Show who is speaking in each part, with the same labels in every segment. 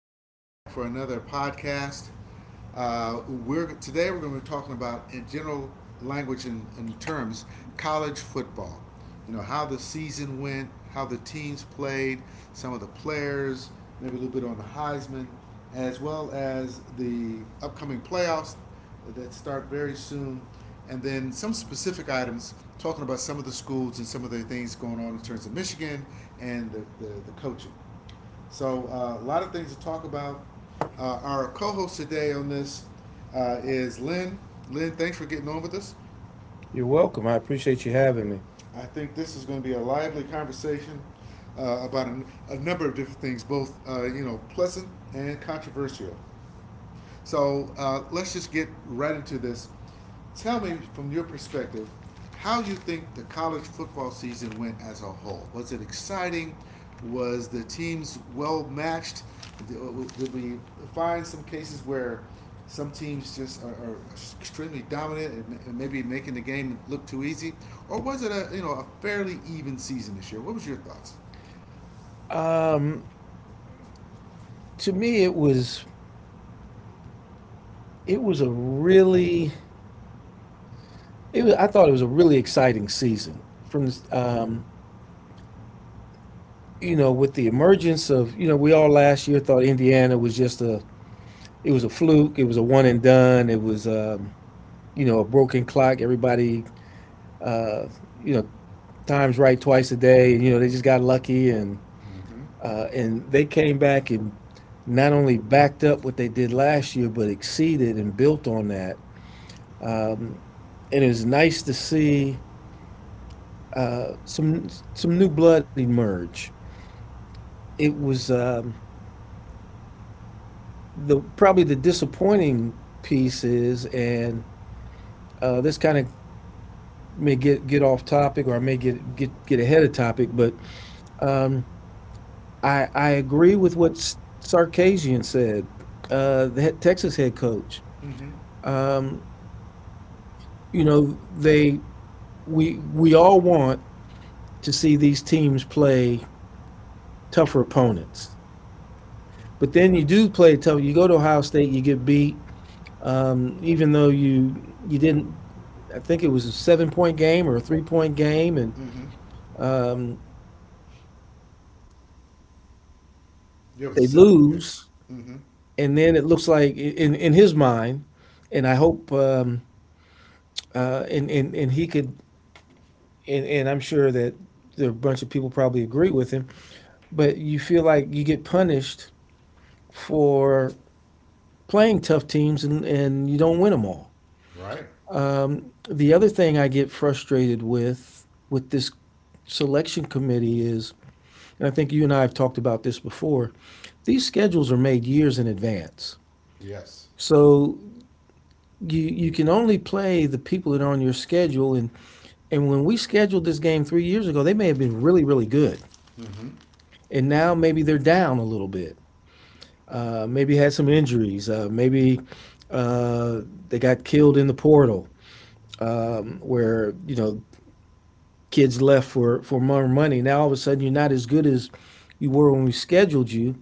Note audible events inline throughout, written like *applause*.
Speaker 1: again, back for another podcast. We're today we're going to be talking about, in general language and terms, college football. You know how the season went, how the teams played, some of the players, maybe a little bit on the Heisman, as well as the upcoming playoffs that start very soon, and then some specific items talking about some of the schools and some of the things going on in terms of Michigan and the coaching. So, a lot of things to talk about. Our co host today on this is Lynn. Lynn, thanks for getting on with us.
Speaker 2: You're welcome. I appreciate you having me.
Speaker 1: I think this is going to be a lively conversation about a number of different things, both you know pleasant and controversial. So let's just get right into this. Tell me from your perspective how you think the college football season went as a whole. Was it exciting? Was the teams well matched? Did we find some cases where some teams just are extremely dominant and maybe making the game look too easy, or was it a you know a fairly even season this year? What was your thoughts?
Speaker 2: To me, it was a really it was, I thought it was a really exciting season. From, you know, with the emergence of, you know, we all last year thought Indiana was just a, it was a fluke. It was a one and done. It was, you know, a broken clock. Everybody, uh, you know, times right twice a day. You know, they just got lucky, and
Speaker 1: Mm-hmm.
Speaker 2: and they came back and not only backed up what they did last year, but exceeded and built on that, and it was nice to see some some new blood emerge. It was The probably the disappointing piece is, and, this kind of may get off topic, or I may get ahead of topic, but, um, I agree with what Sarkisian said, the Texas head coach.
Speaker 1: Mm-hmm.
Speaker 2: Um, you know, they we all want to see these teams play tougher opponents. But then you do play tough. You go to Ohio State, you get beat, even though you didn't. I think it was a 7-point game or a 3-point game, and,
Speaker 1: Mm-hmm.
Speaker 2: um,
Speaker 1: Yeah, it was a
Speaker 2: they
Speaker 1: 7 point game.
Speaker 2: lose.
Speaker 1: Mm-hmm.
Speaker 2: And then it looks like, in his mind, and I hope, and he could, and I'm sure that there are a bunch of people probably agree with him. But you feel like you get punished for playing tough teams and you don't win them all.
Speaker 1: Right?
Speaker 2: The other thing I get frustrated with this selection committee is, and I think you and I have talked about this before, these schedules are made years in advance.
Speaker 1: Yes.
Speaker 2: So you can only play the people that are on your schedule, and when we scheduled this game 3 years ago, they may have been really really good,
Speaker 1: Mm-hmm.
Speaker 2: and now maybe they're down a little bit. Maybe had some injuries. Maybe, uh, they got killed in the portal, where, you know, kids left for more money. Now all of a sudden you're not as good as you were when we scheduled you,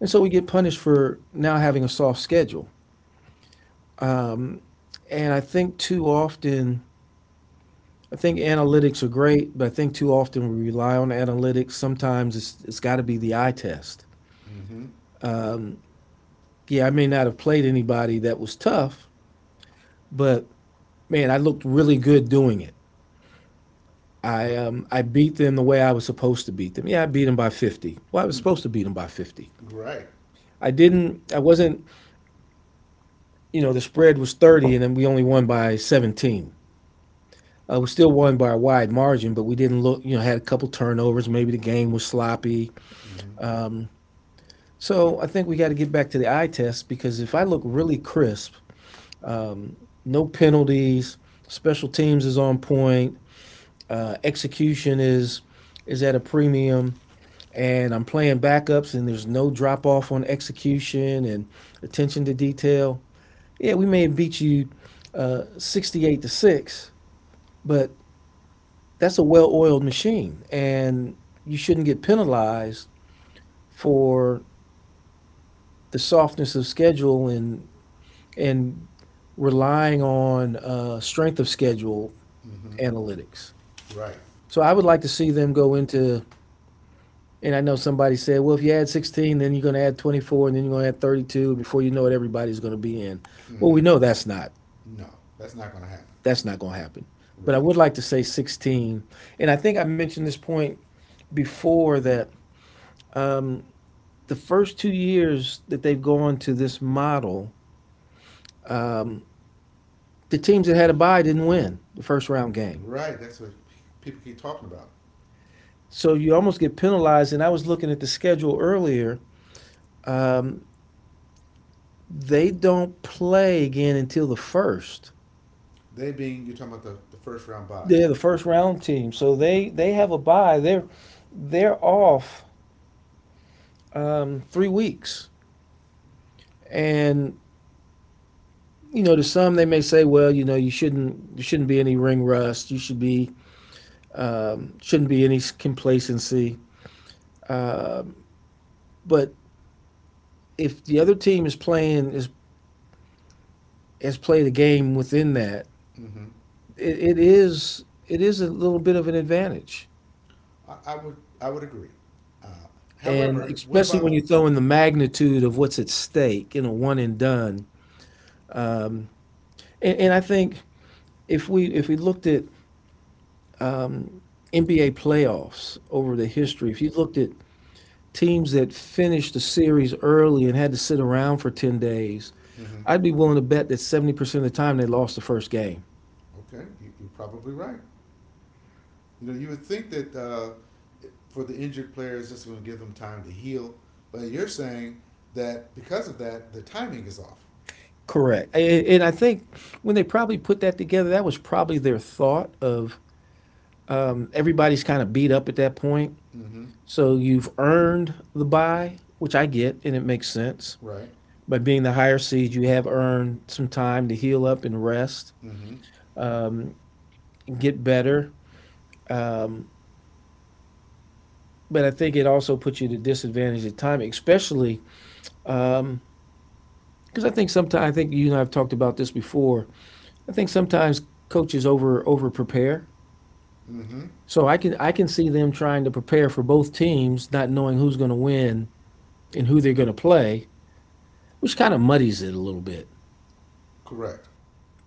Speaker 2: and so we get punished for now having a soft schedule. And I think too often, I think analytics are great, but I think too often we rely on analytics. Sometimes it's got to be the eye test.
Speaker 1: Mm-hmm.
Speaker 2: Yeah, I may not have played anybody that was tough, but man, I looked really good doing it.
Speaker 1: R-
Speaker 2: I beat them the way I was supposed to beat them. Yeah, I beat them by 50. Well, I was
Speaker 1: mm.
Speaker 2: supposed to beat them by 50.
Speaker 1: Right.
Speaker 2: I didn't. I wasn't. You know, the spread was 30, and then we only won by 17. We still won by a wide margin, but we didn't look. You know, had a couple turnovers. Maybe the game was sloppy.
Speaker 1: Mm-hmm.
Speaker 2: So I think we got to get back to the eye test, because if I look really crisp, no penalties, special teams is on point, execution is at a premium, and I'm playing backups and there's no drop off on execution and attention to detail. Yeah, we may have beat you, 68-6, but that's a well-oiled machine, and you shouldn't get penalized for the softness of schedule, and and relying on strength of schedule
Speaker 1: Mm-hmm.
Speaker 2: analytics.
Speaker 1: Right.
Speaker 2: So I would like to see them go into, and I know somebody said, well, if you add 16, then you're going to add 24, and then you're going to add 32. Before you know it, everybody's going to be in. Well,
Speaker 1: Mm-hmm.
Speaker 2: we know that's not
Speaker 1: No, that's not going to happen.
Speaker 2: that's not going to happen. But I
Speaker 1: Right.
Speaker 2: would like to say 16, and I think I mentioned this point before, that, um, the first 2 years that they've gone to this model, um, the teams that had a bye didn't win the first round game.
Speaker 1: Right. That's what people keep talking about.
Speaker 2: So you almost get penalized. And I was looking at the schedule earlier. Um, they don't play again until the first.
Speaker 1: They being you're talking about the first round buys.
Speaker 2: They're the first round team, so they have a bye. They're off, 3 weeks, and, you know, to some they may say, well, you know, you shouldn't there shouldn't be any ring rust. You should be Shouldn't be any complacency. Um but if the other team is playing, is has played a game within that,
Speaker 1: Mm-hmm.
Speaker 2: it is a little bit of an advantage,
Speaker 1: I would I would agree. Uh,
Speaker 2: and
Speaker 1: However, what
Speaker 2: especially
Speaker 1: about
Speaker 2: when
Speaker 1: the?
Speaker 2: you throw in the magnitude of what's at stake in a one and done. And I think, if we looked at NBA playoffs over the history, if you looked at teams that finished the series early and had to sit around for 10 days,
Speaker 1: Mm-hmm.
Speaker 2: I'd be willing to bet that 70% of the time they lost the first game.
Speaker 1: Okay, you're probably right. You know, you would think that for the injured players, this is going to give them time to heal, but you're saying that because of that, the timing is off.
Speaker 2: Correct. And I think when they probably put that together, that was probably their thought of, everybody's kind of beat up at that point.
Speaker 1: Mm-hmm.
Speaker 2: So you've earned the buy, which I get, and it makes sense.
Speaker 1: Right.
Speaker 2: By being the higher seed, you have earned some time to heal up and rest
Speaker 1: Mm-hmm.
Speaker 2: and get better. Um, but I think it also puts you at a disadvantage at time, especially because I think sometimes, I think you and I have talked about this before. I think sometimes coaches over prepare.
Speaker 1: Mm-hmm.
Speaker 2: So I can see them trying to prepare for both teams, not knowing who's going to win and who they're going to play, which kind of muddies it a little bit.
Speaker 1: Correct.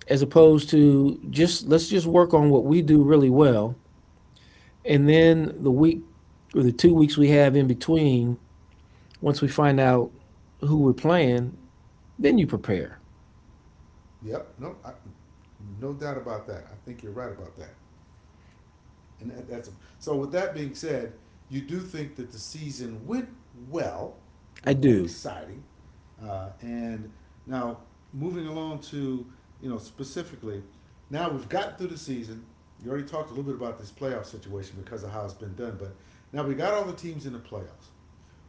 Speaker 2: As opposed to, just let's just work on what we do really well, and then the week or the 2 weeks we have in between, once we find out who we're playing, then you prepare.
Speaker 1: Yep. No. No doubt about that. I think you're right about that. And that's so. With that being said, you do think that the season went well, you
Speaker 2: I
Speaker 1: know,
Speaker 2: do.
Speaker 1: exciting, and now moving along to you know specifically, now we've gotten through the season. You already talked a little bit about this playoff situation because of how it's been done, but now we got all the teams in the playoffs.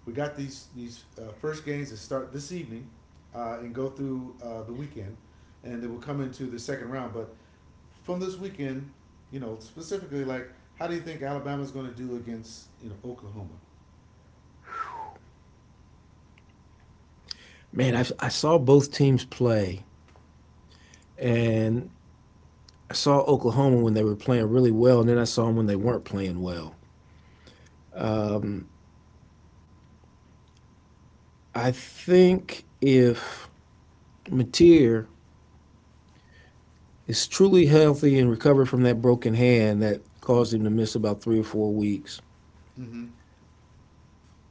Speaker 1: We got these first games that start this evening and go through the weekend, and they will come into the second round. But from this weekend, you know, specifically, like, how do you think Alabama's going to do against you know Oklahoma?
Speaker 2: Man, I saw both teams play, and I saw Oklahoma when they were playing really well, and then I saw them when they weren't playing well. I think if Mateer is truly healthy and recovered from that broken hand that caused him to miss about 3 or 4 weeks,
Speaker 1: Mm-hmm.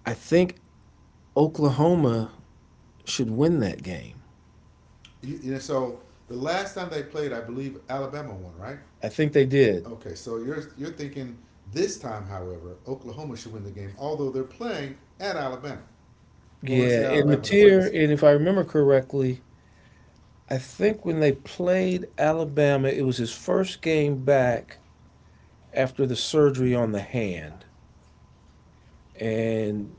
Speaker 2: I think Oklahoma should win that game.
Speaker 1: You know, so the last time they played, I believe Alabama won, right?
Speaker 2: I think they did.
Speaker 1: Okay, so you're thinking this time, however, Oklahoma should win the game, although they're playing at Alabama. Well, when I
Speaker 2: Yeah,
Speaker 1: say
Speaker 2: and
Speaker 1: Alabama, they're playing at
Speaker 2: Mateer,
Speaker 1: Alabama.
Speaker 2: and if I remember correctly, I think when they played Alabama, it was his first game back after the surgery on the hand, and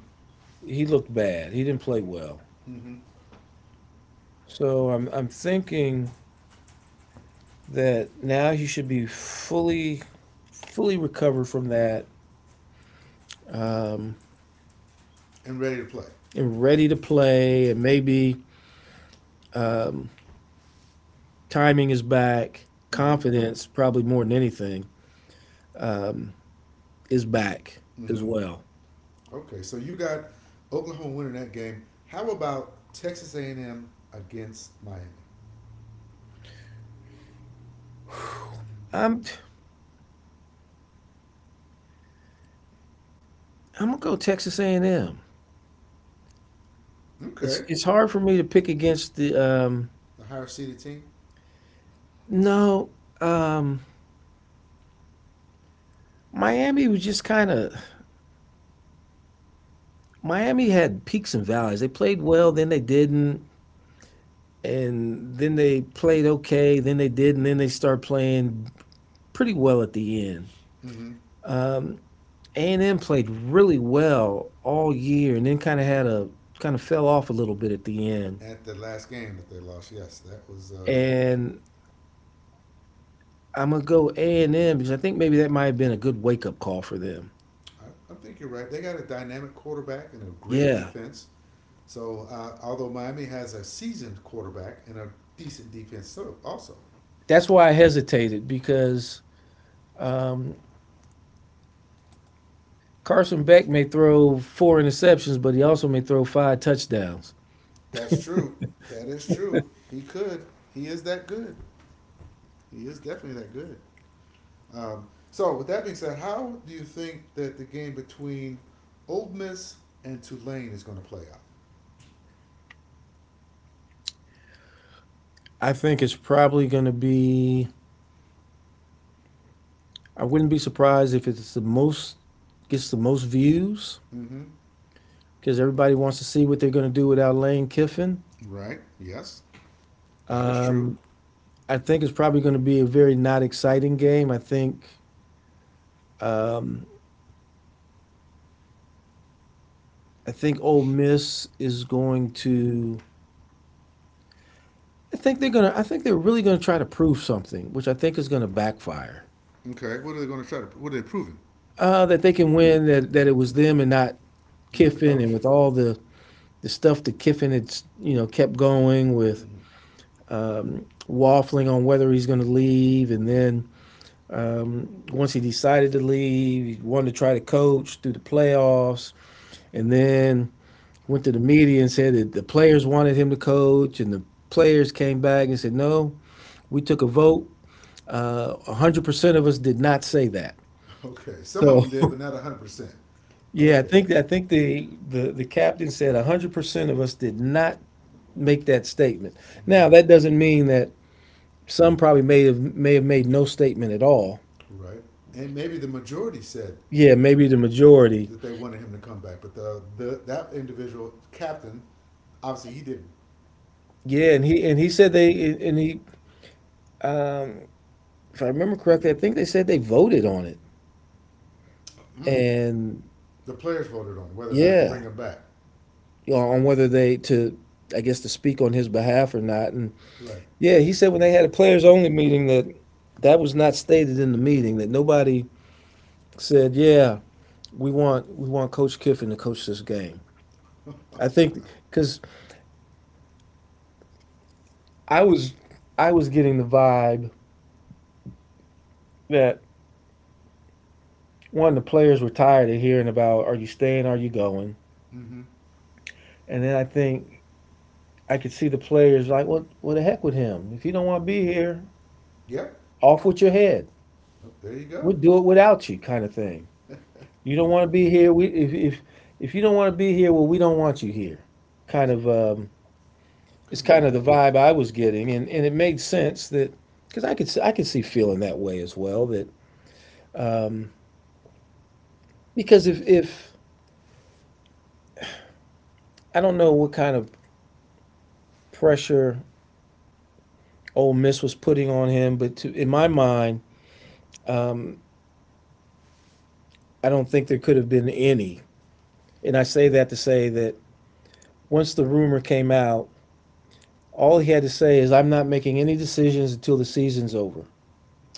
Speaker 2: he looked bad. He didn't play well.
Speaker 1: Mm-hmm.
Speaker 2: So I'm thinking that now he should be fully recovered from that, um,
Speaker 1: And ready to play.
Speaker 2: and ready to play, and maybe, um, timing is back.
Speaker 1: Mm-hmm.
Speaker 2: Confidence, probably more than anything, um, is back as
Speaker 1: hmm
Speaker 2: well.
Speaker 1: Okay, so you got Oklahoma winning that game. How about Texas A&M against Miami?
Speaker 2: I'm I'm gonna go Texas A&M. It's
Speaker 1: Okay,
Speaker 2: it's hard for me to pick against the, um,
Speaker 1: the higher seeded team.
Speaker 2: no, um, Miami was just kind of Miami had peaks and valleys. They played well, then they didn't, and then they played okay, then they did, and then they start playing pretty well at the end.
Speaker 1: Mm-hmm.
Speaker 2: Um, A&M played really well all year, and then kind of fell off a little bit at the end.
Speaker 1: At the last game that they lost, yes, that was.
Speaker 2: And I'm going to go A&M, because I think maybe that might have been a good wake-up call for them.
Speaker 1: I think you're right. They got a dynamic quarterback and a great
Speaker 2: Yeah.
Speaker 1: defense. So although Miami has a seasoned quarterback and a decent defense, so also
Speaker 2: That's why I hesitated, because, um, Carson Beck may throw four interceptions, but he also may throw five touchdowns.
Speaker 1: that's true. That is true. He could. He is that good. He is definitely that good. So, with that being said, how do you think that the game between Old Miss and Tulane is going to play out?
Speaker 2: I think it's probably going to be I wouldn't be surprised if it's the most gets the most views,
Speaker 1: Mm-hmm.
Speaker 2: because everybody wants to see what they're going to do without Lane Kiffin.
Speaker 1: Right. Yes, that is true.
Speaker 2: Um, I think it's probably going to be a very not exciting game. Um, I think Ole Miss is going to. I think they're gonna. I think they're really going to try to prove something, which I think is going to backfire.
Speaker 1: Okay. What are they going to try to? What are they proving?
Speaker 2: That they can win. That it was them and not
Speaker 1: Not the
Speaker 2: Kiffin, and
Speaker 1: coach.
Speaker 2: with all the stuff that Kiffin had, you know, kept going with,
Speaker 1: Mm-hmm.
Speaker 2: waffling on whether he's going to leave, and then, once he decided to leave, he wanted to try to coach through the playoffs, and then went to the media and said that the players wanted him to coach, and the players came back and said, no, we took a vote. 100% of us did not say that.
Speaker 1: Okay. Some of
Speaker 2: So,
Speaker 1: them did,
Speaker 2: *laughs*
Speaker 1: but not 100%.
Speaker 2: yeah, I
Speaker 1: Okay.
Speaker 2: think I think the captain said 100% of us did not make that statement.
Speaker 1: All
Speaker 2: Now,
Speaker 1: right.
Speaker 2: that doesn't mean that some probably may have made no statement at all.
Speaker 1: Right. And maybe the majority said
Speaker 2: Yeah, maybe the majority.
Speaker 1: that they wanted him to come back, but the that individual captain obviously he didn't.
Speaker 2: Yeah, and he said they, and he um, if I remember correctly, I think they said they voted on it.
Speaker 1: Mm.
Speaker 2: And
Speaker 1: The players voted on whether or not to bring
Speaker 2: yeah,
Speaker 1: him back.
Speaker 2: you know, on whether they to, I guess, to speak on his behalf or not. And
Speaker 1: Right.
Speaker 2: yeah, he said when they had a players only meeting that that was not stated in the meeting that nobody said, "Yeah, we want Coach Kiffin to coach this game." I think because I was I was getting the vibe that one the players were tired of hearing about are you staying, are you going,
Speaker 1: Mm-hmm.
Speaker 2: and then I think I could see the players like, "What the heck with him? If you don't want to be here,
Speaker 1: Yep.
Speaker 2: off with your head.
Speaker 1: Oh, there you go.
Speaker 2: We'll do it without you," kind of thing. You don't want to be here. We if you don't want to be here, well, we don't want you here. Kind
Speaker 1: That's
Speaker 2: of it's
Speaker 1: kind of my,
Speaker 2: kind of the vibe I was getting, and it made sense that because I could see feeling that way as well. That um, because if I don't know what kind of pressure Ole Miss was putting on him, but to, in my mind, um, I don't think there could have been any. And I say that to say that once the rumor came out, all he had to say is, "I'm not making any decisions until the season's over.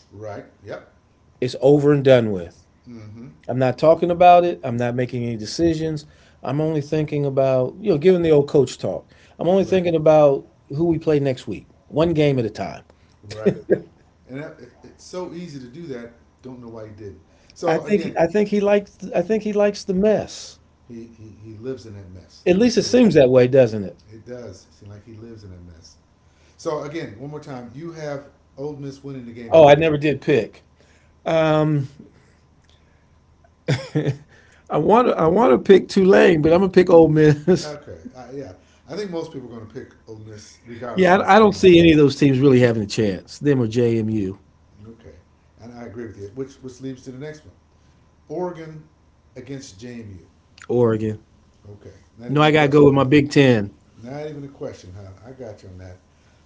Speaker 1: right. Yep.
Speaker 2: It's over and done with.
Speaker 1: Mm-hmm.
Speaker 2: I'm not talking about it. I'm not making any decisions. I'm only thinking about, you know, given the old coach talk, I'm only
Speaker 1: Right.
Speaker 2: thinking about who we play next week, one game at a time."
Speaker 1: Right. And that, it's so easy to do that. Don't know why he did. So again,
Speaker 2: I think he likes I think he likes the mess.
Speaker 1: he lives in that mess.
Speaker 2: At
Speaker 1: That's
Speaker 2: least it
Speaker 1: correct.
Speaker 2: seems that way, doesn't it?
Speaker 1: It does seem like he lives in that mess. So again, one more time, you have Ole Miss winning the game.
Speaker 2: Oh, I
Speaker 1: However,
Speaker 2: never did pick. Um, I want to pick Tulane, but I'm gonna pick Ole Miss.
Speaker 1: okay, yeah, I think most people are going to pick Ole Miss
Speaker 2: *laughs*
Speaker 1: regardless
Speaker 2: Yeah,
Speaker 1: of what's
Speaker 2: I don't
Speaker 1: going on.
Speaker 2: see any of those teams really having a chance. Them or JMU,
Speaker 1: Okay, and I agree with you. Which leads to the next one: Oregon against JMU.
Speaker 2: Oregon.
Speaker 1: Okay, not
Speaker 2: No,
Speaker 1: even
Speaker 2: I
Speaker 1: a
Speaker 2: gotta go
Speaker 1: question,
Speaker 2: with
Speaker 1: huh?
Speaker 2: my Big Ten.
Speaker 1: Not even a question, huh? I got you on that.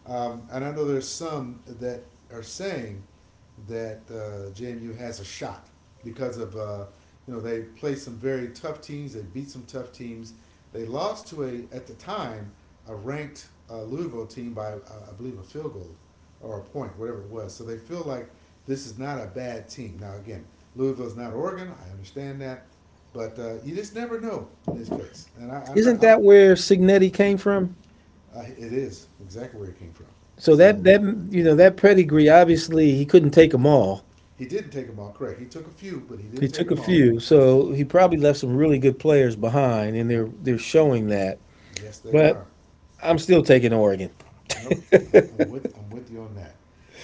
Speaker 1: And I know there's some that are saying that JMU has a shot because of you know they played some very tough teams, they beat some tough teams, they lost to a at the time a ranked Louisville team by I believe a field goal or a point, whatever it was. So they feel like this is not a bad team. Now again, Louisville's not Oregon, I understand that, but you just never know in this case. And I, I'm not
Speaker 2: Isn't
Speaker 1: I'm
Speaker 2: that where Signetti came from?
Speaker 1: it is exactly where it came from.
Speaker 2: So that
Speaker 1: So
Speaker 2: that you know that pedigree, obviously he couldn't take them all.
Speaker 1: he didn't take them all. Correct. He took a few, but he didn't
Speaker 2: He
Speaker 1: take
Speaker 2: took a
Speaker 1: them all.
Speaker 2: few, so he probably left some really good players behind, and they're showing that.
Speaker 1: Yes, they
Speaker 2: But
Speaker 1: are.
Speaker 2: I'm still taking Oregon.
Speaker 1: Nope. I'm, with I'm with you on that.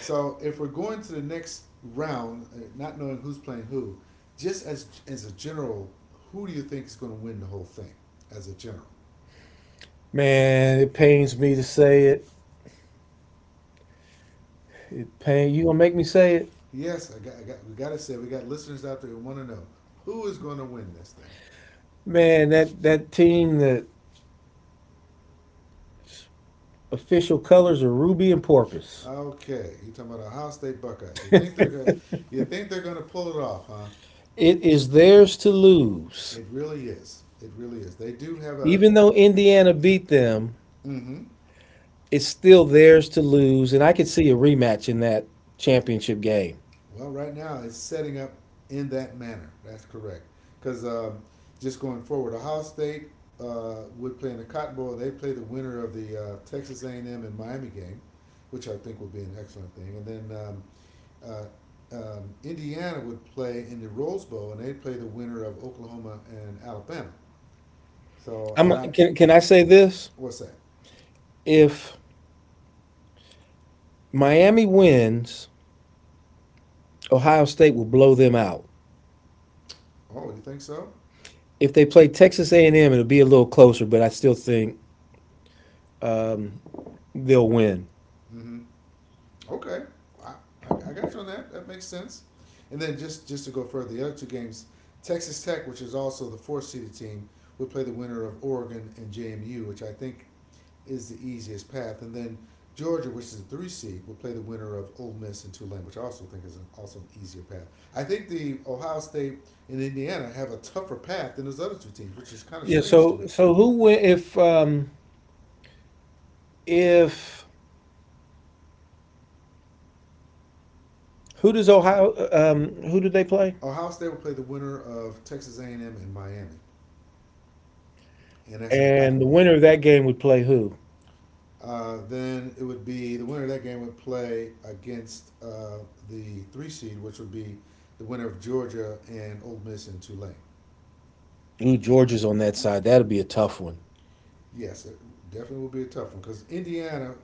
Speaker 1: So if we're going to the next round, not knowing who's playing who, just as a general, who do you think is going to win the whole thing? As a general,
Speaker 2: Man, it pains me to say it. It pain you gonna make me say it?
Speaker 1: yes, I got we got to say we got listeners out there who want to know who is going to win this thing.
Speaker 2: Man, that team, the official colors are ruby and porpoise.
Speaker 1: Okay, you're talking about Ohio State Buckeyes. You think you think they're going to pull it off, huh?
Speaker 2: It is theirs to lose.
Speaker 1: It really is. It really is. They do have a.
Speaker 2: Even though Indiana beat them,
Speaker 1: Mm-hmm,
Speaker 2: it's still theirs to lose, and I could see a rematch in that championship game.
Speaker 1: well, right now it's setting up in that manner. That's correct. Because just going forward, Ohio State would play in the Cotton Bowl. They play the winner of the Texas A&M and M and Miami game, which I think would be an excellent thing. And then uh, Indiana would play in the Rose Bowl, and they'd play the winner of Oklahoma and Alabama. So,
Speaker 2: I'm
Speaker 1: and I
Speaker 2: can I say this?
Speaker 1: what's that?
Speaker 2: If Miami wins, Ohio State will blow them out.
Speaker 1: Oh, you think so?
Speaker 2: If they play Texas A&M, it'll be a little closer, but I still think um, they'll win.
Speaker 1: Mm-hmm. Okay, I, I got you on that. That makes sense. And then just to go further, the other two games, Texas Tech, which is also the fourth seeded team, would play the winner of Oregon and JMU, which I think is the easiest path. And then Georgia, which is the three seed, will play the winner of Ole Miss and Tulane, which I also think is an, also an easier path. I think the Ohio State and Indiana have a tougher path than those other two teams, which is kind of
Speaker 2: Yeah.
Speaker 1: strange to
Speaker 2: So
Speaker 1: me.
Speaker 2: so who win if who does Ohio who did they play?
Speaker 1: Ohio State will play the winner of Texas A&M and M and Miami, and that's in the
Speaker 2: And
Speaker 1: Cotton
Speaker 2: the
Speaker 1: Bowl.
Speaker 2: winner of that game would play who?
Speaker 1: Then it would be the winner of that game would play against the three seed, which would be the winner of Georgia and Ole Miss and Tulane.
Speaker 2: Ooh, Georgia's on that side. That'll be a tough one.
Speaker 1: Yes, it definitely will be a tough one because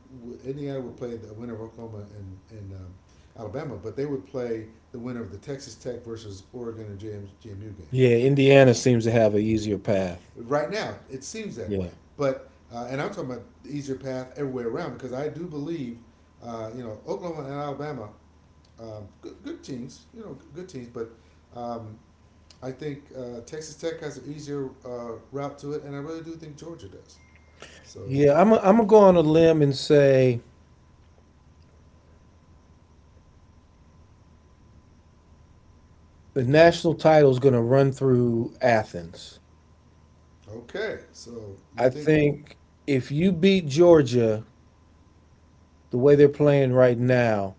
Speaker 1: Indiana would play the winner of Oklahoma and Alabama, but they would play the winner of the Texas Tech versus Oregon and JMU game.
Speaker 2: Yeah, Indiana seems to have an easier path.
Speaker 1: Right now, it seems that way,
Speaker 2: Yeah.
Speaker 1: but and I'm talking about the easier path everywhere around because I do believe, you know, Oklahoma and Alabama good, good teams, you know, good teams. But um, I think Texas Tech has an easier route to it, and I really do think Georgia does. So
Speaker 2: Yeah, I'm gonna go on a limb and say the national title is going to run through Athens.
Speaker 1: okay, so you
Speaker 2: I
Speaker 1: think?
Speaker 2: think if you beat Georgia the way they're playing right now,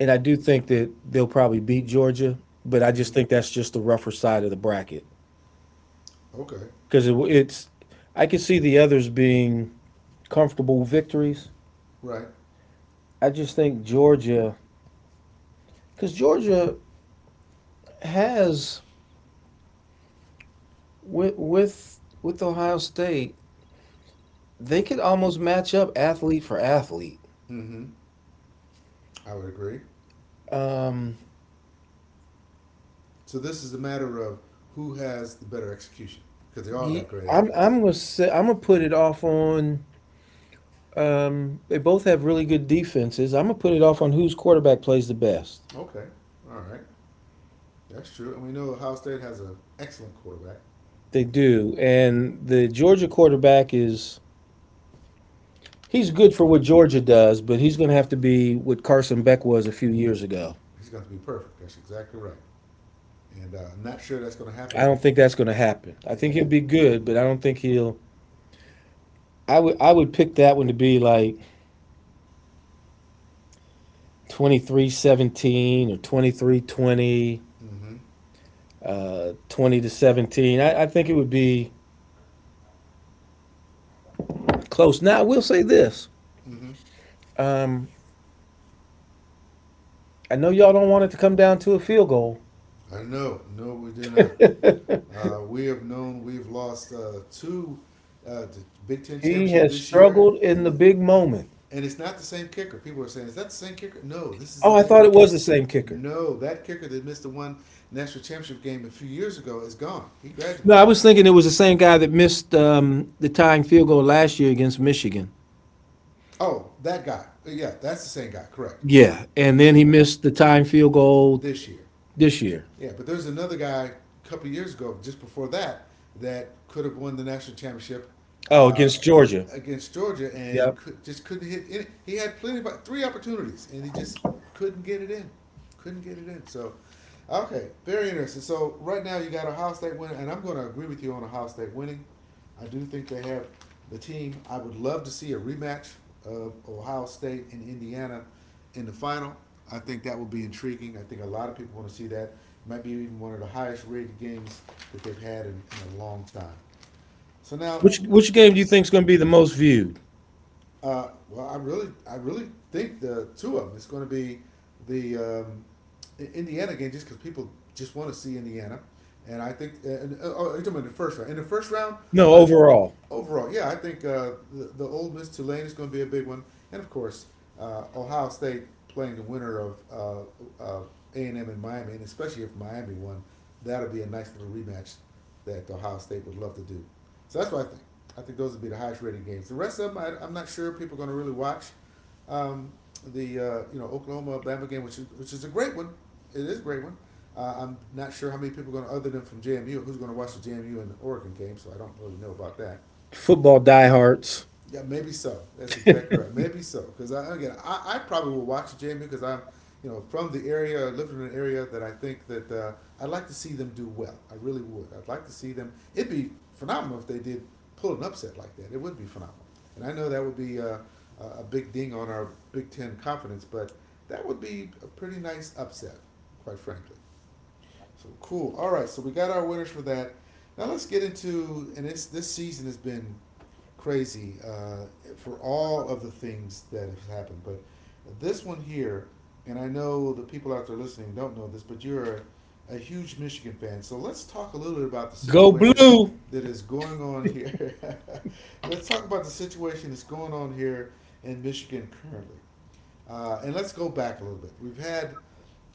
Speaker 2: and I do think that they'll probably beat Georgia, but I just
Speaker 1: hmm
Speaker 2: think that's just the rougher side of the bracket
Speaker 1: okay,
Speaker 2: because it's. I could see the others being comfortable victories.
Speaker 1: right?
Speaker 2: I just think Georgia, because Georgia has with Ohio State, they could almost match up athlete for athlete.
Speaker 1: hmm I would agree.
Speaker 2: Um,
Speaker 1: So this is a matter of who has the better execution because they all got
Speaker 2: Ye-
Speaker 1: great
Speaker 2: I'm
Speaker 1: athletes.
Speaker 2: I'm gonna say I'm gonna put it off on. They both have really good defenses. I'm gonna put it off on whose quarterback plays the best.
Speaker 1: Okay, all right, that's true. And we know Ohio State has an excellent quarterback.
Speaker 2: They do, and the Georgia quarterback is he's good for what Georgia does, but he's gonna have to be what Carson Beck was a few years ago.
Speaker 1: He's going to be perfect. That's exactly right. And I'm not sure that's going to happen.
Speaker 2: I don't think that's gonna happen. I think
Speaker 1: And
Speaker 2: he'll be good, but I don't think he'll. I would pick that one to be like 23-17 or 23 20,
Speaker 1: mm-hmm.
Speaker 2: 20 to 17. I think it would be. Close. Now, I will say this.
Speaker 1: Mm-hmm.
Speaker 2: Um, I know y'all don't want it to come down to a field goal.
Speaker 1: I know. No, we do not.
Speaker 2: *laughs*
Speaker 1: We have known we've lost two the Big Ten
Speaker 2: He
Speaker 1: championship
Speaker 2: has
Speaker 1: this year,
Speaker 2: struggled in the big moment.
Speaker 1: and it's not the same kicker. People are saying, "Is that the same kicker?" No, this is
Speaker 2: Oh,
Speaker 1: a
Speaker 2: I thought it
Speaker 1: different
Speaker 2: was the
Speaker 1: kicker.
Speaker 2: same kicker.
Speaker 1: No, that kicker that missed the one national championship game a few years ago is gone. He
Speaker 2: No, I
Speaker 1: graduated.
Speaker 2: was thinking it was the same guy that missed the tying field goal last year against Michigan.
Speaker 1: Oh, that guy. Yeah, that's the same guy. Correct.
Speaker 2: Yeah, and then he missed the tying field goal
Speaker 1: This year,
Speaker 2: this year.
Speaker 1: yeah, but there's another guy a couple of years ago, just before that, that could have won the national championship
Speaker 2: Oh,
Speaker 1: uh,
Speaker 2: against Georgia.
Speaker 1: against Georgia and
Speaker 2: Yep.
Speaker 1: could, just couldn't hit. It. He had plenty of three opportunities and he just couldn't get it in. Couldn't get it in. So okay, very interesting. So right now you got Ohio State winning, and I'm going to agree with you on Ohio State winning. I do think they have the team. I would love to see a rematch of Ohio State and Indiana in the final. I think that would be intriguing. I think a lot of people want to see that. It might be even one of the highest rated games that they've had in a long time. So now.
Speaker 2: Which game do you think is going to be the most viewed?
Speaker 1: Well, I really think the two of them is going to be the um, Indiana game, just because people just want to see Indiana, and I think, and oh, you're talking about the first round. In the first round,
Speaker 2: No,
Speaker 1: I
Speaker 2: overall.
Speaker 1: overall, yeah, I think the Ole Miss Tulane is going to be a big one, and of course, Ohio State playing the winner of uh, A&M and Miami, and especially if Miami won, that'll be a nice little rematch that Ohio State would love to do. So that's what I think. I think those would be the highest rated games. The rest of them, I'm not sure people are going to really watch. Um, the Oklahoma Bama game, which is a great one. It is a great one. I'm not sure how many people are going to, other than from JMU, who's going to watch the JMU and the Oregon game. So I don't really know about that.
Speaker 2: Football diehards.
Speaker 1: Yeah, maybe so. That's exactly right. Maybe so, because again, I probably will watch Jamie because I'm, from the area, lived in an area that I think that I'd like to see them do well. I really would. I'd like to see them. It'd be phenomenal if they did pull an upset like that. It would be phenomenal, and I know that would be a big ding on our Big Ten confidence, but that would be a pretty nice upset, quite frankly. So cool. All right, so we got our winners for that. Now let's get into, and this season has been crazy for all of the things that have happened. But this one here, and I know the people out there listening don't know this, but you're a huge Michigan fan. So let's talk a little bit about the
Speaker 2: Go
Speaker 1: situation
Speaker 2: blue.
Speaker 1: that is going on here. *laughs* Let's talk about the situation that's going on here in Michigan currently. And let's go back a little bit. We've had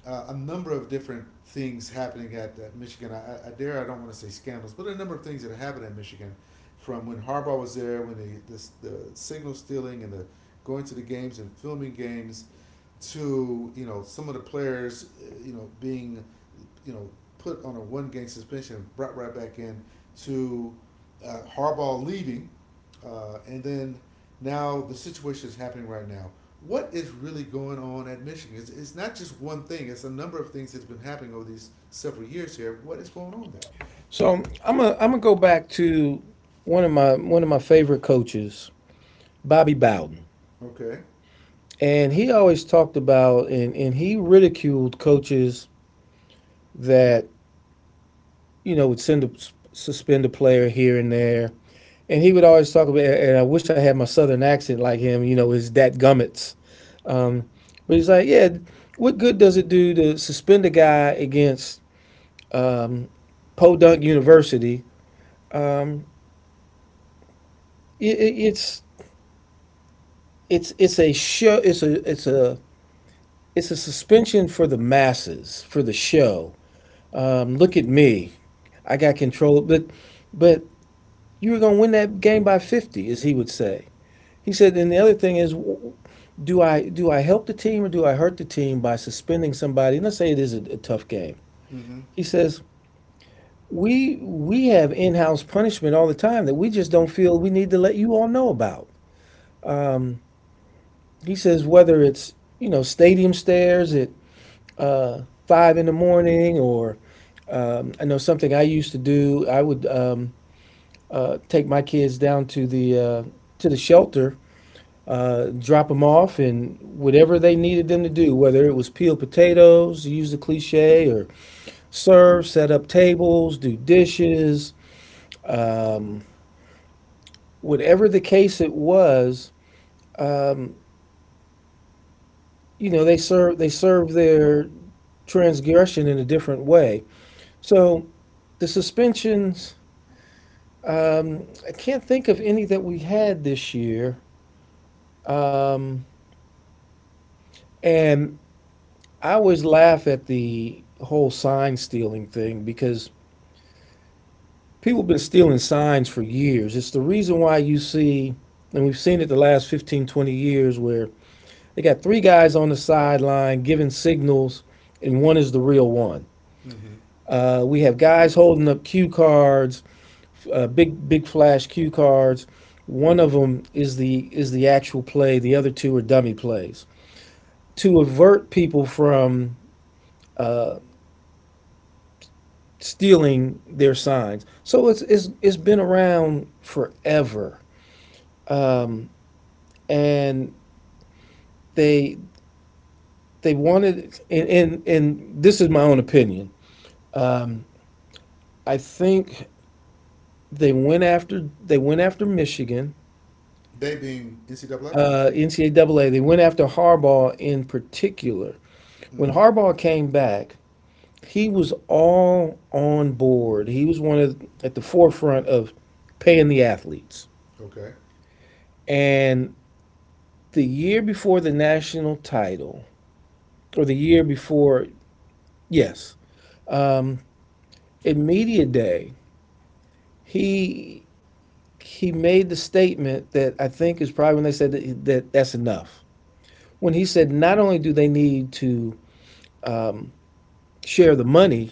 Speaker 1: a number of different things happening at Michigan. I dare I don't want to say scandals, but a number of things that happened at Michigan from when Harbaugh was there, when the signal stealing and the going to the games and filming games to some of the players, being, you know put on a one game suspension, brought right back in to Harbaugh leaving, and then now the situation is happening right now. What is really going on at Michigan? It's not just one thing. It's a number of things that's been happening over these several years here. What is going on there?
Speaker 2: So I'm gonna go back to one of my favorite coaches, Bobby Bowden,
Speaker 1: Okay.
Speaker 2: and he always talked about and he ridiculed coaches that you know would send a, suspend a player here and there, and he would always talk about and I wish I had my southern accent like him, you know, his dat gummits. Um, but he's like, yeah, what good does it do to suspend a guy against um, Podunk University? Um, it, it, it's it's a show. It's a it's a it's a suspension for the masses for the show. Look at me, I got control. But you were gonna win that game by 50, as he would say. He said. And the other thing is, do I help the team or do I hurt the team by suspending somebody? And let's say it is a tough game.
Speaker 1: Mm-hmm.
Speaker 2: He says we have in-house punishment all the time that we just don't feel we need to let you all know about. He says whether it's you know stadium stairs, it 5 in the morning, or I know something I used to do. I would take my kids down to the to the shelter, drop them off, and whatever they needed them to do, whether it was peel potatoes, use the cliche, or serve, set up tables, do dishes, whatever the case it was, you know, they serve their transgression in a different way. So the suspensions, I can't think of any that we had this year. Um, and I always laugh at the whole sign stealing thing because people have been stealing signs for years. It's the reason why you see, and we've seen it the last 15, 20 years, where they got 3 guys on the sideline giving signals, and one is the real one.
Speaker 1: Mm-hmm.
Speaker 2: We have guys holding up cue cards, big flash cue cards. One of them is the actual play. The other two are dummy plays to avert people from stealing their signs. So it's been around forever, um, and they they wanted and this is my own opinion. Um, I think they went after Michigan.
Speaker 1: They being NCAA?
Speaker 2: NCAA, they went after Harbaugh in particular. When
Speaker 1: Mm-hmm.
Speaker 2: Harbaugh came back, he was all on board. He was one of at the forefront of paying the athletes.
Speaker 1: Okay.
Speaker 2: And the year before the national title, or the year before, yes, um, at media day, he he made the statement that I think is probably when they said that, that's enough. When he said not only do they need to share the money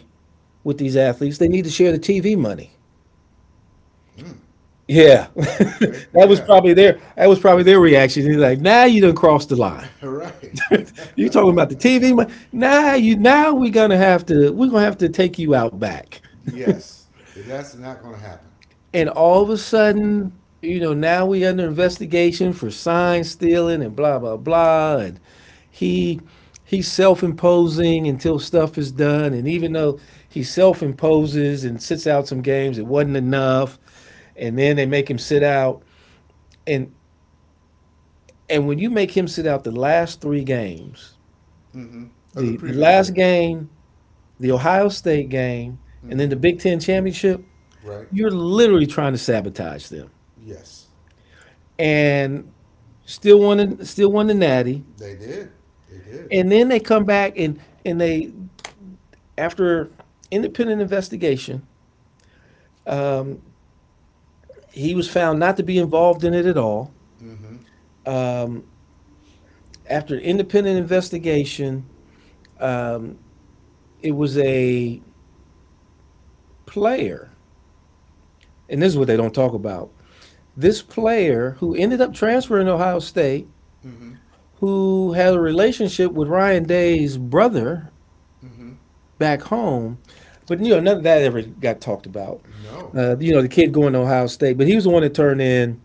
Speaker 2: with these athletes, they need to share the TV money.
Speaker 1: Mm.
Speaker 2: Yeah, *laughs*
Speaker 1: Okay.
Speaker 2: that was
Speaker 1: Yeah.
Speaker 2: probably their that was probably their reaction. He's like, "Now nah, you done crossed the line.
Speaker 1: *laughs*
Speaker 2: *laughs*
Speaker 1: Right.
Speaker 2: You talking about the TV money? Now nah, you now we're gonna have to we're gonna have to take you out back."
Speaker 1: Yes, that's not going to happen.
Speaker 2: And all of a sudden, you know, now we under investigation for sign stealing and blah blah blah, and he he's self-imposing until stuff is done, and even though he self-imposes and sits out some games, it wasn't enough, and then they make him sit out, and and when you make him sit out the last 3 games,
Speaker 1: Mm-hmm. Of the
Speaker 2: the
Speaker 1: previous
Speaker 2: last
Speaker 1: year.
Speaker 2: game, the Ohio State game, and then the
Speaker 1: Mm-hmm.
Speaker 2: Big Ten championship,
Speaker 1: Right?
Speaker 2: you're literally trying to sabotage them.
Speaker 1: Yes,
Speaker 2: And still won still won the natty.
Speaker 1: they did. They did.
Speaker 2: And then they come back and they after independent investigation he was found not to be involved in it at all
Speaker 1: Mm-hmm.
Speaker 2: after independent investigation it was a player, and this is what they don't talk about, this player who ended up transferring to Ohio State,
Speaker 1: Mm-hmm.
Speaker 2: who had a relationship with Ryan Day's brother
Speaker 1: Mm-hmm.
Speaker 2: back home, but you know none of that ever got talked about,
Speaker 1: No.
Speaker 2: you know, the kid going to Ohio State, but he was the one that turned in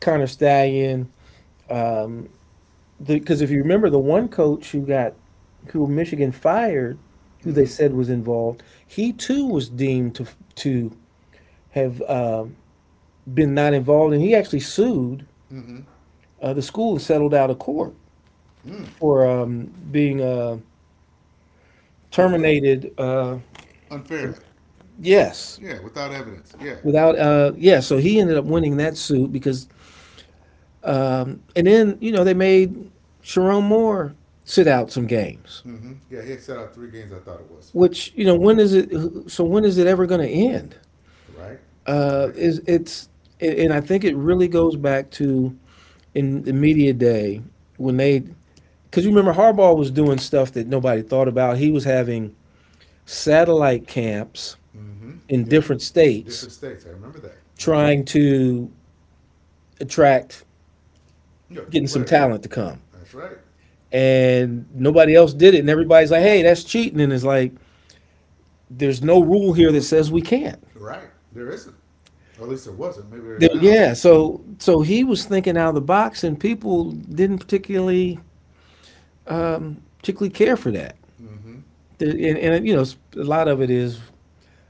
Speaker 2: Connor Stallion. Because if you remember, the one coach who Michigan fired, who they
Speaker 1: Mm-hmm.
Speaker 2: said was involved, he too was deemed to to have been not involved, and he actually sued
Speaker 1: Mm-hmm.
Speaker 2: the school and settled out of court
Speaker 1: Mm.
Speaker 2: for being
Speaker 1: Yeah, put
Speaker 2: terminated.
Speaker 1: unfairly.
Speaker 2: Yes,
Speaker 1: Yeah, without evidence. Yeah.
Speaker 2: without yeah. So he ended up winning that suit because, and then you know they made Sharon Moore sit out some games.
Speaker 1: Mm-hmm. Yeah. He had set out three games. I thought it was
Speaker 2: Which you know when is it? So when is it ever going to end?
Speaker 1: right.
Speaker 2: uh,
Speaker 1: Right.
Speaker 2: is it's I think it really goes back to in the media day, when they, because you remember Harbaugh was doing stuff that nobody thought about. He was having satellite camps
Speaker 1: Mm-hmm.
Speaker 2: in
Speaker 1: Yep.
Speaker 2: different
Speaker 1: In
Speaker 2: states,
Speaker 1: different states. I remember that. Yeah.
Speaker 2: trying to attract
Speaker 1: Yeah.
Speaker 2: getting some
Speaker 1: Players.
Speaker 2: talent to come.
Speaker 1: That's right.
Speaker 2: And nobody else did it. And everybody's like, "Hey, that's cheating." And it's like, there's no rule here that says we can't.
Speaker 1: Right. There isn't. Or at least there wasn't. Maybe there is now.
Speaker 2: Yeah. So he was thinking out of the box, and people didn't particularly care for that.
Speaker 1: Mm-hmm.
Speaker 2: And you know, a lot of it is,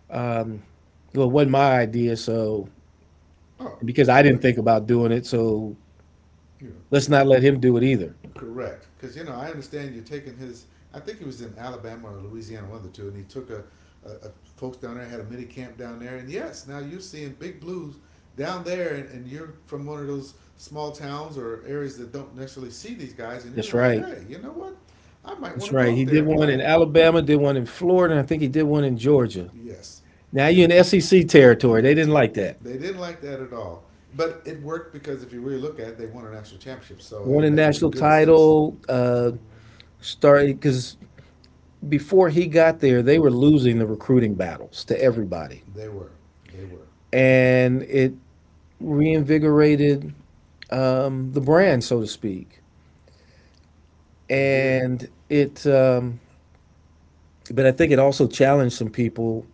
Speaker 2: um, well, it wasn't my idea, so,
Speaker 1: Oh,
Speaker 2: because I didn't
Speaker 1: correct.
Speaker 2: think about doing it, so
Speaker 1: You know,
Speaker 2: let's not let him do it either.
Speaker 1: correct. Because I understand you're taking his. I think he was in Alabama or Louisiana, one of the two, and he took a, folks down there had a mini camp down there. And yes, now you're seeing big blues down there, and you're from one of those small towns or areas that don't necessarily see these guys, and you're
Speaker 2: That's
Speaker 1: like,
Speaker 2: right.
Speaker 1: hey, you know what? I might
Speaker 2: That's
Speaker 1: want to
Speaker 2: right,
Speaker 1: go
Speaker 2: he
Speaker 1: up there
Speaker 2: did
Speaker 1: and
Speaker 2: one in
Speaker 1: play.
Speaker 2: Alabama, did one in Florida, and I think he did one in Georgia.
Speaker 1: Yes,
Speaker 2: Now
Speaker 1: and
Speaker 2: you're in SEC territory,
Speaker 1: you're.
Speaker 2: they
Speaker 1: A
Speaker 2: didn't
Speaker 1: t-
Speaker 2: like that.
Speaker 1: they didn't like that at all. But it worked because if you really look at it, they won a national championship. So
Speaker 2: Won a
Speaker 1: and they've been
Speaker 2: national
Speaker 1: good since.
Speaker 2: title, started because before he got there, they were losing the recruiting battles to everybody,
Speaker 1: They were. They were.
Speaker 2: and it reinvigorated, the brand, so to speak.
Speaker 1: It did.
Speaker 2: And it, but I think it also challenged some people.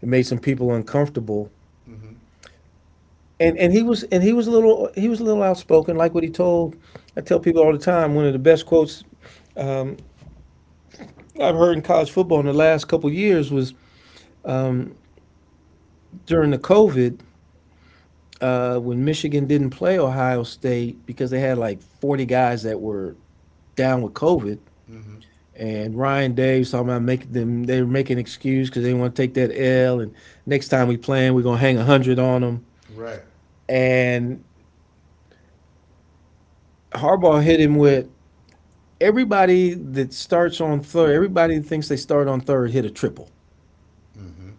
Speaker 2: It made some people uncomfortable.
Speaker 1: Mm-hmm.
Speaker 2: And he was a little, outspoken. Like what he told, I tell people all the time, one of the best quotes I've heard in college football in the last couple of years was during the COVID, when Michigan didn't play Ohio State because they had like 40 guys that were down with COVID.
Speaker 1: Mm-hmm.
Speaker 2: And Ryan Day was talking about, making them, they were making an excuse because they didn't want to take that L. And, "Next time we play 'em, we're going to hang 100 on them."
Speaker 1: Right.
Speaker 2: And Harbaugh hit him with, "Everybody that starts on third, everybody that thinks they start on third hit a triple,"
Speaker 1: Mm-hmm.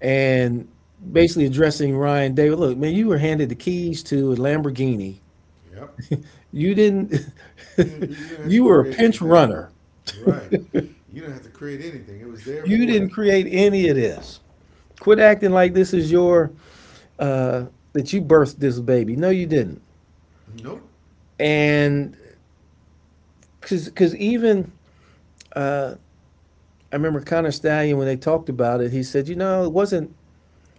Speaker 2: and basically addressing Ryan David: "Look, man, you were handed the keys to a Lamborghini.
Speaker 1: Yep.
Speaker 2: You didn't."
Speaker 1: You
Speaker 2: *laughs*
Speaker 1: didn't have to
Speaker 2: "You were a
Speaker 1: create
Speaker 2: pinch
Speaker 1: anything.
Speaker 2: runner.
Speaker 1: Right. You didn't have to create anything. It was there
Speaker 2: You
Speaker 1: for you.
Speaker 2: didn't create any of this. Quit acting like this is your, uh, that you birthed this baby. No, you didn't."
Speaker 1: Nope.
Speaker 2: And because, even, I remember Connor Stallion, when they talked about it, he said, you know,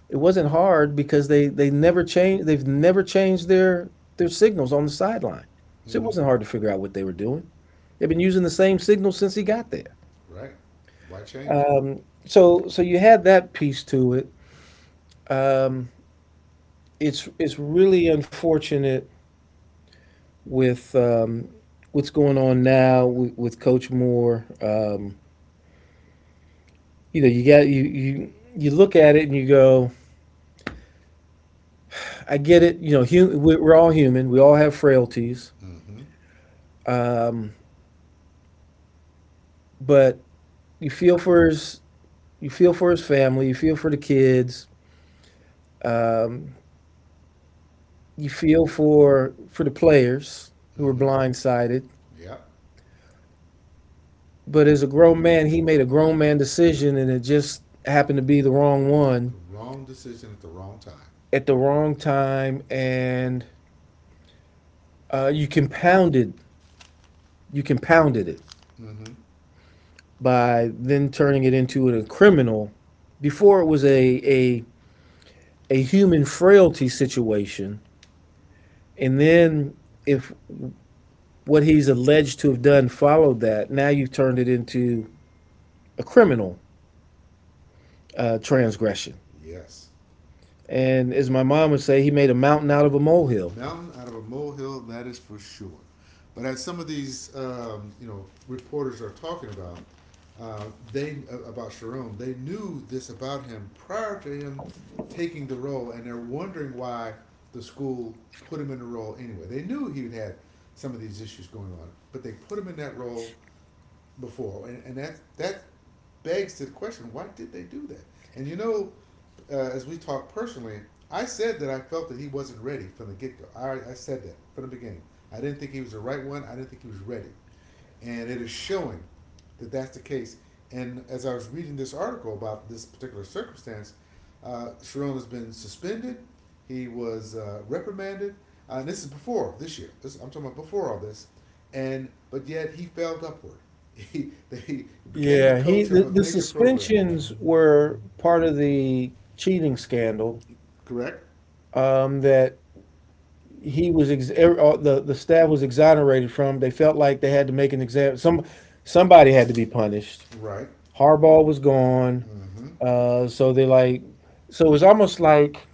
Speaker 2: it wasn't hard because they've never changed their signals on the sideline. So it
Speaker 1: Mm-hmm.
Speaker 2: wasn't hard to figure out what they were doing. They've been using the same signal since he got there.
Speaker 1: Right. Why change?
Speaker 2: So you had that piece to it. It's really unfortunate with, what's going on now with Coach Moore. You know, you got, you look at it and you go, I get it. You know, we're all human. We all have frailties.
Speaker 1: Mm-hmm.
Speaker 2: Um, but you feel for his, you feel for his family. You feel for the kids. Um, you feel for the players who were
Speaker 1: Mm-hmm.
Speaker 2: blindsided.
Speaker 1: Yep.
Speaker 2: But as a grown man, he made a grown man decision, and it just happened to be the wrong one
Speaker 1: The wrong decision at the wrong time.
Speaker 2: at the wrong time. And you compounded, you compounded it
Speaker 1: Mm-hmm.
Speaker 2: by then turning it into a criminal. Before, it was a human frailty situation, and then, if what he's alleged to have done followed that, now you've turned it into a criminal, transgression.
Speaker 1: Yes.
Speaker 2: And as my mom would say, he made a mountain out of a molehill.
Speaker 1: Mountain out of a molehill, that is for sure. But as some of these, reporters are talking about, uh, they about Sharon, they knew this about him prior to him taking the role, and they're wondering why the school put him in the role anyway. They knew he had some of these issues going on, but they put him in that role before, and, and that begs to the question: why did they do that? And as we talk personally, I said that I felt that he wasn't ready from the get go. I said that from the beginning. I didn't think he was the right one. I didn't think he was ready. And it is showing that that's the case. And as I was reading this article about this particular circumstance, Sharon has been suspended. He was reprimanded. And this is before this year. This, I'm talking about before all this. And but yet he failed upward. *laughs* He they became the
Speaker 2: Yeah, he,
Speaker 1: coach of a
Speaker 2: the
Speaker 1: major program.
Speaker 2: suspensions were part of the cheating scandal,
Speaker 1: Correct.
Speaker 2: that he was the staff was exonerated from. They felt like they had to make an example. Somebody had to be punished.
Speaker 1: Right.
Speaker 2: Harbaugh was gone,
Speaker 1: Mm-hmm.
Speaker 2: so they like, so it was almost like,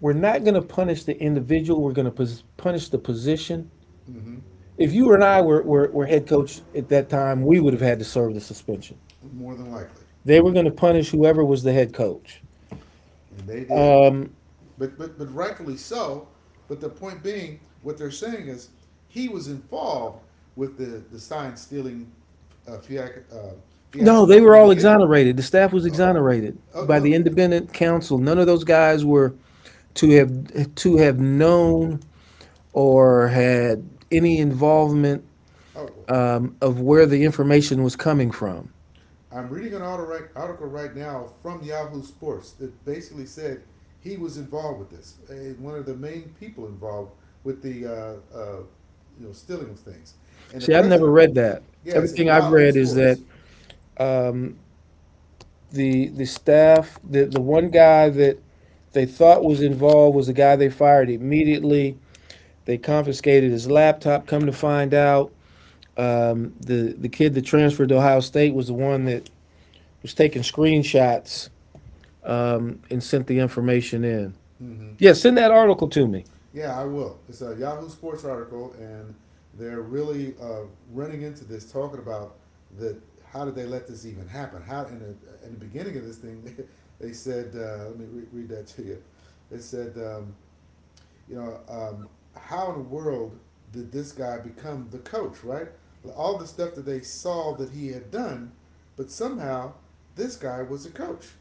Speaker 2: we're not going to punish the individual, we're going to punish the position.
Speaker 1: Mm-hmm.
Speaker 2: If you and I were, were head coach at that time, we would have had to serve the suspension.
Speaker 1: More than likely,
Speaker 2: They were going to punish whoever was the head coach.
Speaker 1: and they did. But rightfully so. But the point being, what they're saying is he was involved with the sign stealing, uh, fiac- uh,
Speaker 2: No, they
Speaker 1: fiasco
Speaker 2: were
Speaker 1: from the
Speaker 2: all
Speaker 1: beginning.
Speaker 2: exonerated. The staff was
Speaker 1: Oh,
Speaker 2: exonerated
Speaker 1: oh
Speaker 2: by the
Speaker 1: no,
Speaker 2: independent counsel. None of those guys were to have known or had any involvement,
Speaker 1: oh,
Speaker 2: of where the information was coming from.
Speaker 1: I'm reading an article right now from Yahoo Sports that basically said he was involved with this. One of the main people involved with the stealing of things. And the
Speaker 2: See, I've never
Speaker 1: president,
Speaker 2: read that.
Speaker 1: yes, at
Speaker 2: Everything I've
Speaker 1: Yahoo
Speaker 2: read is that,
Speaker 1: Sports.
Speaker 2: um, the staff, the one guy that they thought was involved was the guy they fired immediately. They confiscated his laptop. Come to find out, the kid that transferred to Ohio State was the one that was taking screenshots, and sent the information in.
Speaker 1: Mm-hmm.
Speaker 2: Yeah, send that article to me.
Speaker 1: Yeah, I will. It's a Yahoo Sports article, and they're really running into this, talking about the how did they let this even happen? How in the beginning of this thing, *laughs* they said, let me read that to you. They said, you know, um, how in the world did this guy become the coach? Right? All the stuff that they saw that he had done, but somehow this guy was a coach.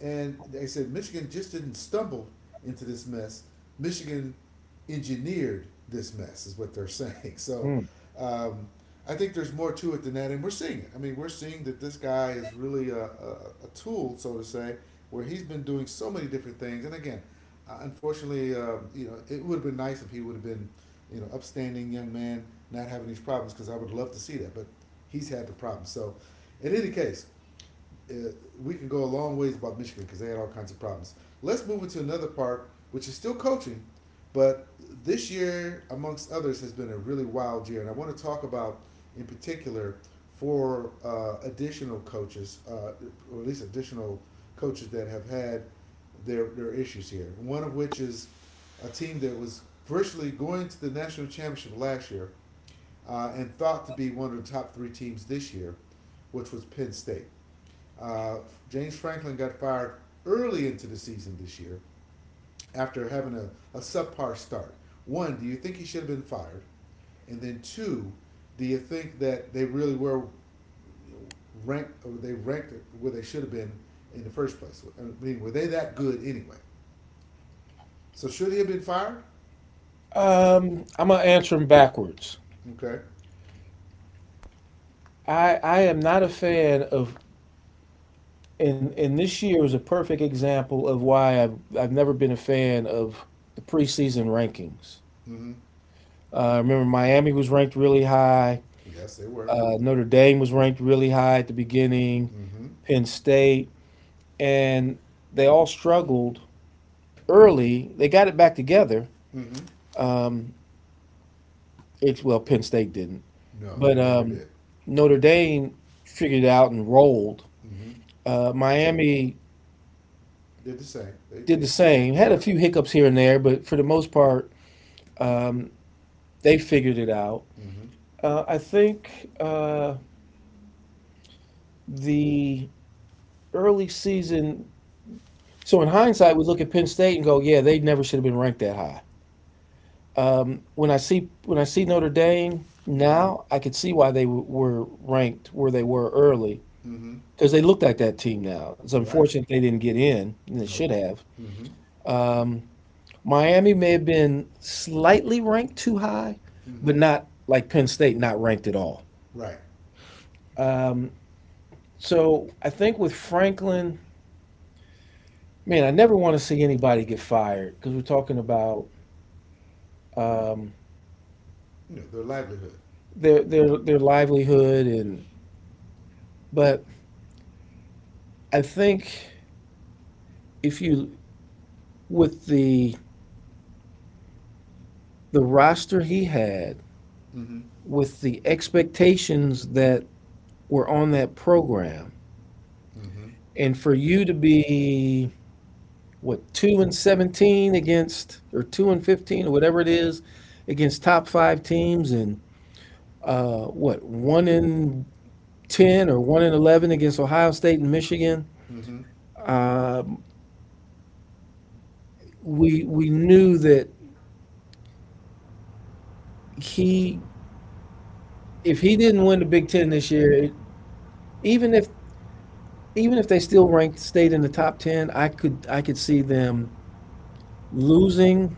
Speaker 1: And they said Michigan just didn't stumble into this mess. Michigan engineered this mess, is what they're *laughs* saying. So
Speaker 2: Hmm.
Speaker 1: um, I think there's more to it than that, and we're seeing it. I mean, we're seeing that this guy is really a tool, so to say, where he's been doing so many different things. And again, unfortunately, it would have been nice if he would have been, upstanding young man, not having these problems, because I would love to see that. But he's had the problem. So, in any case, uh, we could go a long ways about Michigan because they had all kinds of problems. Let's move into another part, which is still coaching, but this year, amongst others, has been a really wild year, and I want to talk about in particular four additional coaches, or at least additional coaches that have had their issues here. One of which is a team that was virtually going to the national championship last year and thought to be one of the top three teams this year, which was Penn State. Uh, James Franklin got fired early into the season this year after having a subpar start. One, do you think he should have been fired? And then two, do you think that they really were ranked, or they ranked where they should have been in the first place? I mean, were they that good anyway? So should he have been fired?
Speaker 2: I'm gonna answer them backwards.
Speaker 1: Okay.
Speaker 2: I am not a fan of, and this year was a perfect example of why I've never been a fan of the preseason rankings.
Speaker 1: Mm-hmm.
Speaker 2: I remember Miami was ranked really high.
Speaker 1: Yes, they were.
Speaker 2: Notre Dame was ranked really high at the beginning.
Speaker 1: Mm-hmm.
Speaker 2: Penn State, and they all struggled early. They got it back together.
Speaker 1: Mm-hmm.
Speaker 2: Um, it's, well, Penn State didn't,
Speaker 1: No,
Speaker 2: but
Speaker 1: they never did.
Speaker 2: Notre Dame figured it out and rolled.
Speaker 1: Mm-hmm. Te-
Speaker 2: Miami
Speaker 1: did the same.
Speaker 2: did the same. Had a
Speaker 1: Yep.
Speaker 2: few hiccups here and there, but for the most part, they figured it out.
Speaker 1: Mm-hmm.
Speaker 2: I think, the early season. So in hindsight, we look at Penn State and go, "Yeah, they never should have been ranked that high." When I see Notre Dame
Speaker 1: Mm-hmm.
Speaker 2: now, I could see why they were ranked where they were early,
Speaker 1: Mm-hmm.
Speaker 2: because they looked like that team now. It's
Speaker 1: Right.
Speaker 2: unfortunate they didn't get in, and they should
Speaker 1: Nope.
Speaker 2: have.
Speaker 1: Mm-hmm.
Speaker 2: Miami may have been slightly ranked too high, but
Speaker 1: Mm-hmm.
Speaker 2: not like Penn State, not ranked at all.
Speaker 1: Right.
Speaker 2: So I think with Franklin, man, I never want to see anybody get fired, because we're talking about, um,
Speaker 1: You know, their livelihood.
Speaker 2: their, their livelihood. And but I think, if you, with the roster he had,
Speaker 1: Mm-hmm.
Speaker 2: with the expectations that were on that program,
Speaker 1: Mm-hmm.
Speaker 2: and for you to be what, 2 and 17 against, or 2 and 15, or whatever it is, against top 5 teams, and what, 1 in 10 or 1 in 11 against Ohio State and Michigan.
Speaker 1: Mm-hmm.
Speaker 2: Um, we knew that he, if he didn't win the Big Ten this year, even if, even if they still ranked, stayed in the top ten, I could see them losing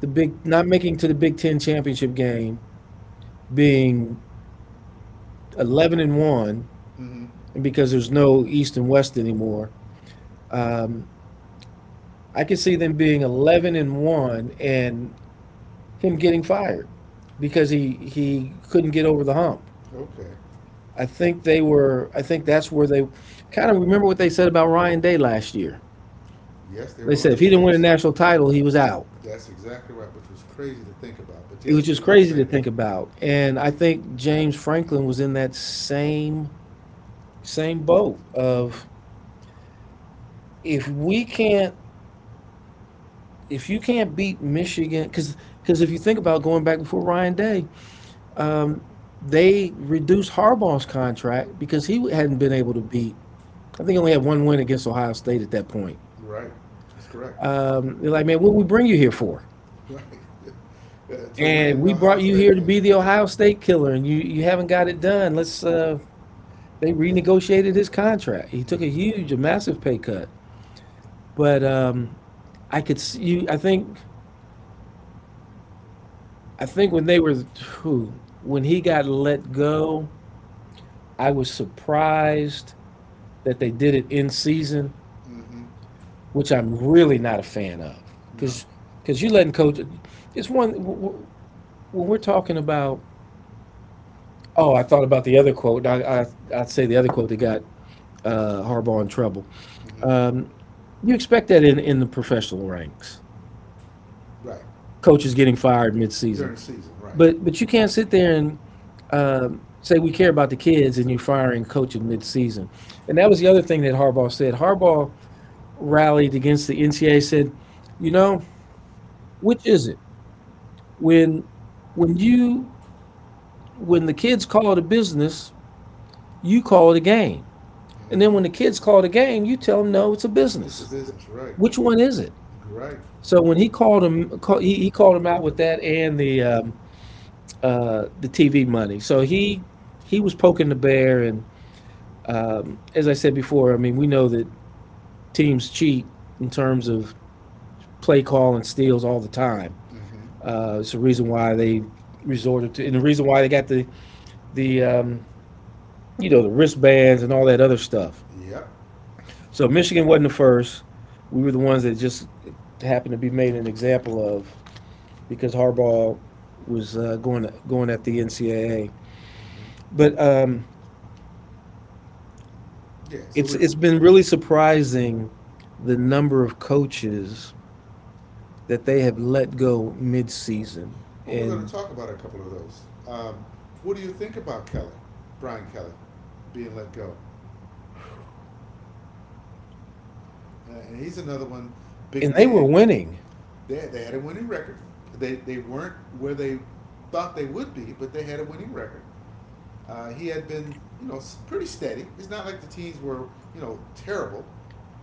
Speaker 2: the big, not making to the Big Ten championship game, being 11 and one,
Speaker 1: Mm-hmm.
Speaker 2: and because there's no East and West anymore, um, I could see them being 11 and one and him getting fired because he couldn't get over the hump.
Speaker 1: Okay.
Speaker 2: I think they were. I think that's where they kind of, remember what they said about Ryan Day last year.
Speaker 1: Yes, they
Speaker 2: They
Speaker 1: were
Speaker 2: said
Speaker 1: on
Speaker 2: if he
Speaker 1: his
Speaker 2: didn't win a
Speaker 1: case.
Speaker 2: national title, he was out.
Speaker 1: That's exactly right, which was crazy to think about. But
Speaker 2: It was
Speaker 1: yes,
Speaker 2: just
Speaker 1: they did
Speaker 2: crazy to
Speaker 1: say that.
Speaker 2: think about. And I think James Franklin was in that same, same boat
Speaker 1: Mm-hmm.
Speaker 2: of, if we can't, if you can't beat Michigan, because if you think about, going back before Ryan Day, they reduced Harbaugh's contract because he hadn't been able to beat. I think he only had one win against Ohio State at that point.
Speaker 1: Right. That's correct.
Speaker 2: They're like, man, what did we bring you here for?
Speaker 1: Right. *laughs* To
Speaker 2: And,
Speaker 1: win the
Speaker 2: "We
Speaker 1: Ohio
Speaker 2: brought you here
Speaker 1: State
Speaker 2: to
Speaker 1: game.
Speaker 2: be the Ohio State killer, and you haven't got it done. Let's," they renegotiated his contract. He took a
Speaker 1: Mm-hmm.
Speaker 2: huge, a massive pay cut. But I could see you. I think when they were, whew, when he got let go, I was surprised that they did it in season,
Speaker 1: Mm-hmm.
Speaker 2: which I'm really not a fan of.
Speaker 1: No.
Speaker 2: Because because you letting coach, it's one, when we're talking about. Oh, I thought about the other quote. I'd say the other quote that got, Harbaugh in trouble.
Speaker 1: Mm-hmm.
Speaker 2: You expect that in the professional ranks,
Speaker 1: Right.
Speaker 2: coaches getting fired mid-season.
Speaker 1: During the season, right.
Speaker 2: But you can't sit there and, say we care about the kids, and you're firing coach in mid-season. And that was the other thing that Harbaugh said. Harbaugh rallied against the NCAA. Said, you know, which is it? when when you, when the kids call it a business, you call it a game. And then
Speaker 1: Mm-hmm.
Speaker 2: when the kids call it a game, you tell them no, it's a
Speaker 1: It's a
Speaker 2: business.
Speaker 1: business, right.
Speaker 2: Which one is it?
Speaker 1: Right.
Speaker 2: So when he called him out with that, and the TV money. So he was poking the bear, and as I said before, I mean, we know that teams cheat, in terms of play call and steals, all the time.
Speaker 1: Mm-hmm.
Speaker 2: It's the reason why they resorted to, and the reason why they got the, the um, you know, the wristbands and all that other stuff.
Speaker 1: Yep.
Speaker 2: So Michigan wasn't the first. We were the ones that just happened to be made an example of because Harbaugh was, going at the NCAA.
Speaker 1: Mm-hmm.
Speaker 2: But
Speaker 1: Yeah, so
Speaker 2: It's it's been really surprising the number of coaches that they have let go mid-season,
Speaker 1: well, we're going to
Speaker 2: and
Speaker 1: talk about a couple of those. Um, what do you think about Kelly, Brian Kelly, being let go? And he's another one,
Speaker 2: and
Speaker 1: big
Speaker 2: they were
Speaker 1: name.
Speaker 2: winning.
Speaker 1: They had a winning record. They weren't where they thought they would be, but they had a winning record. He had been, you know, pretty steady. It's not like the teams were, you know, terrible,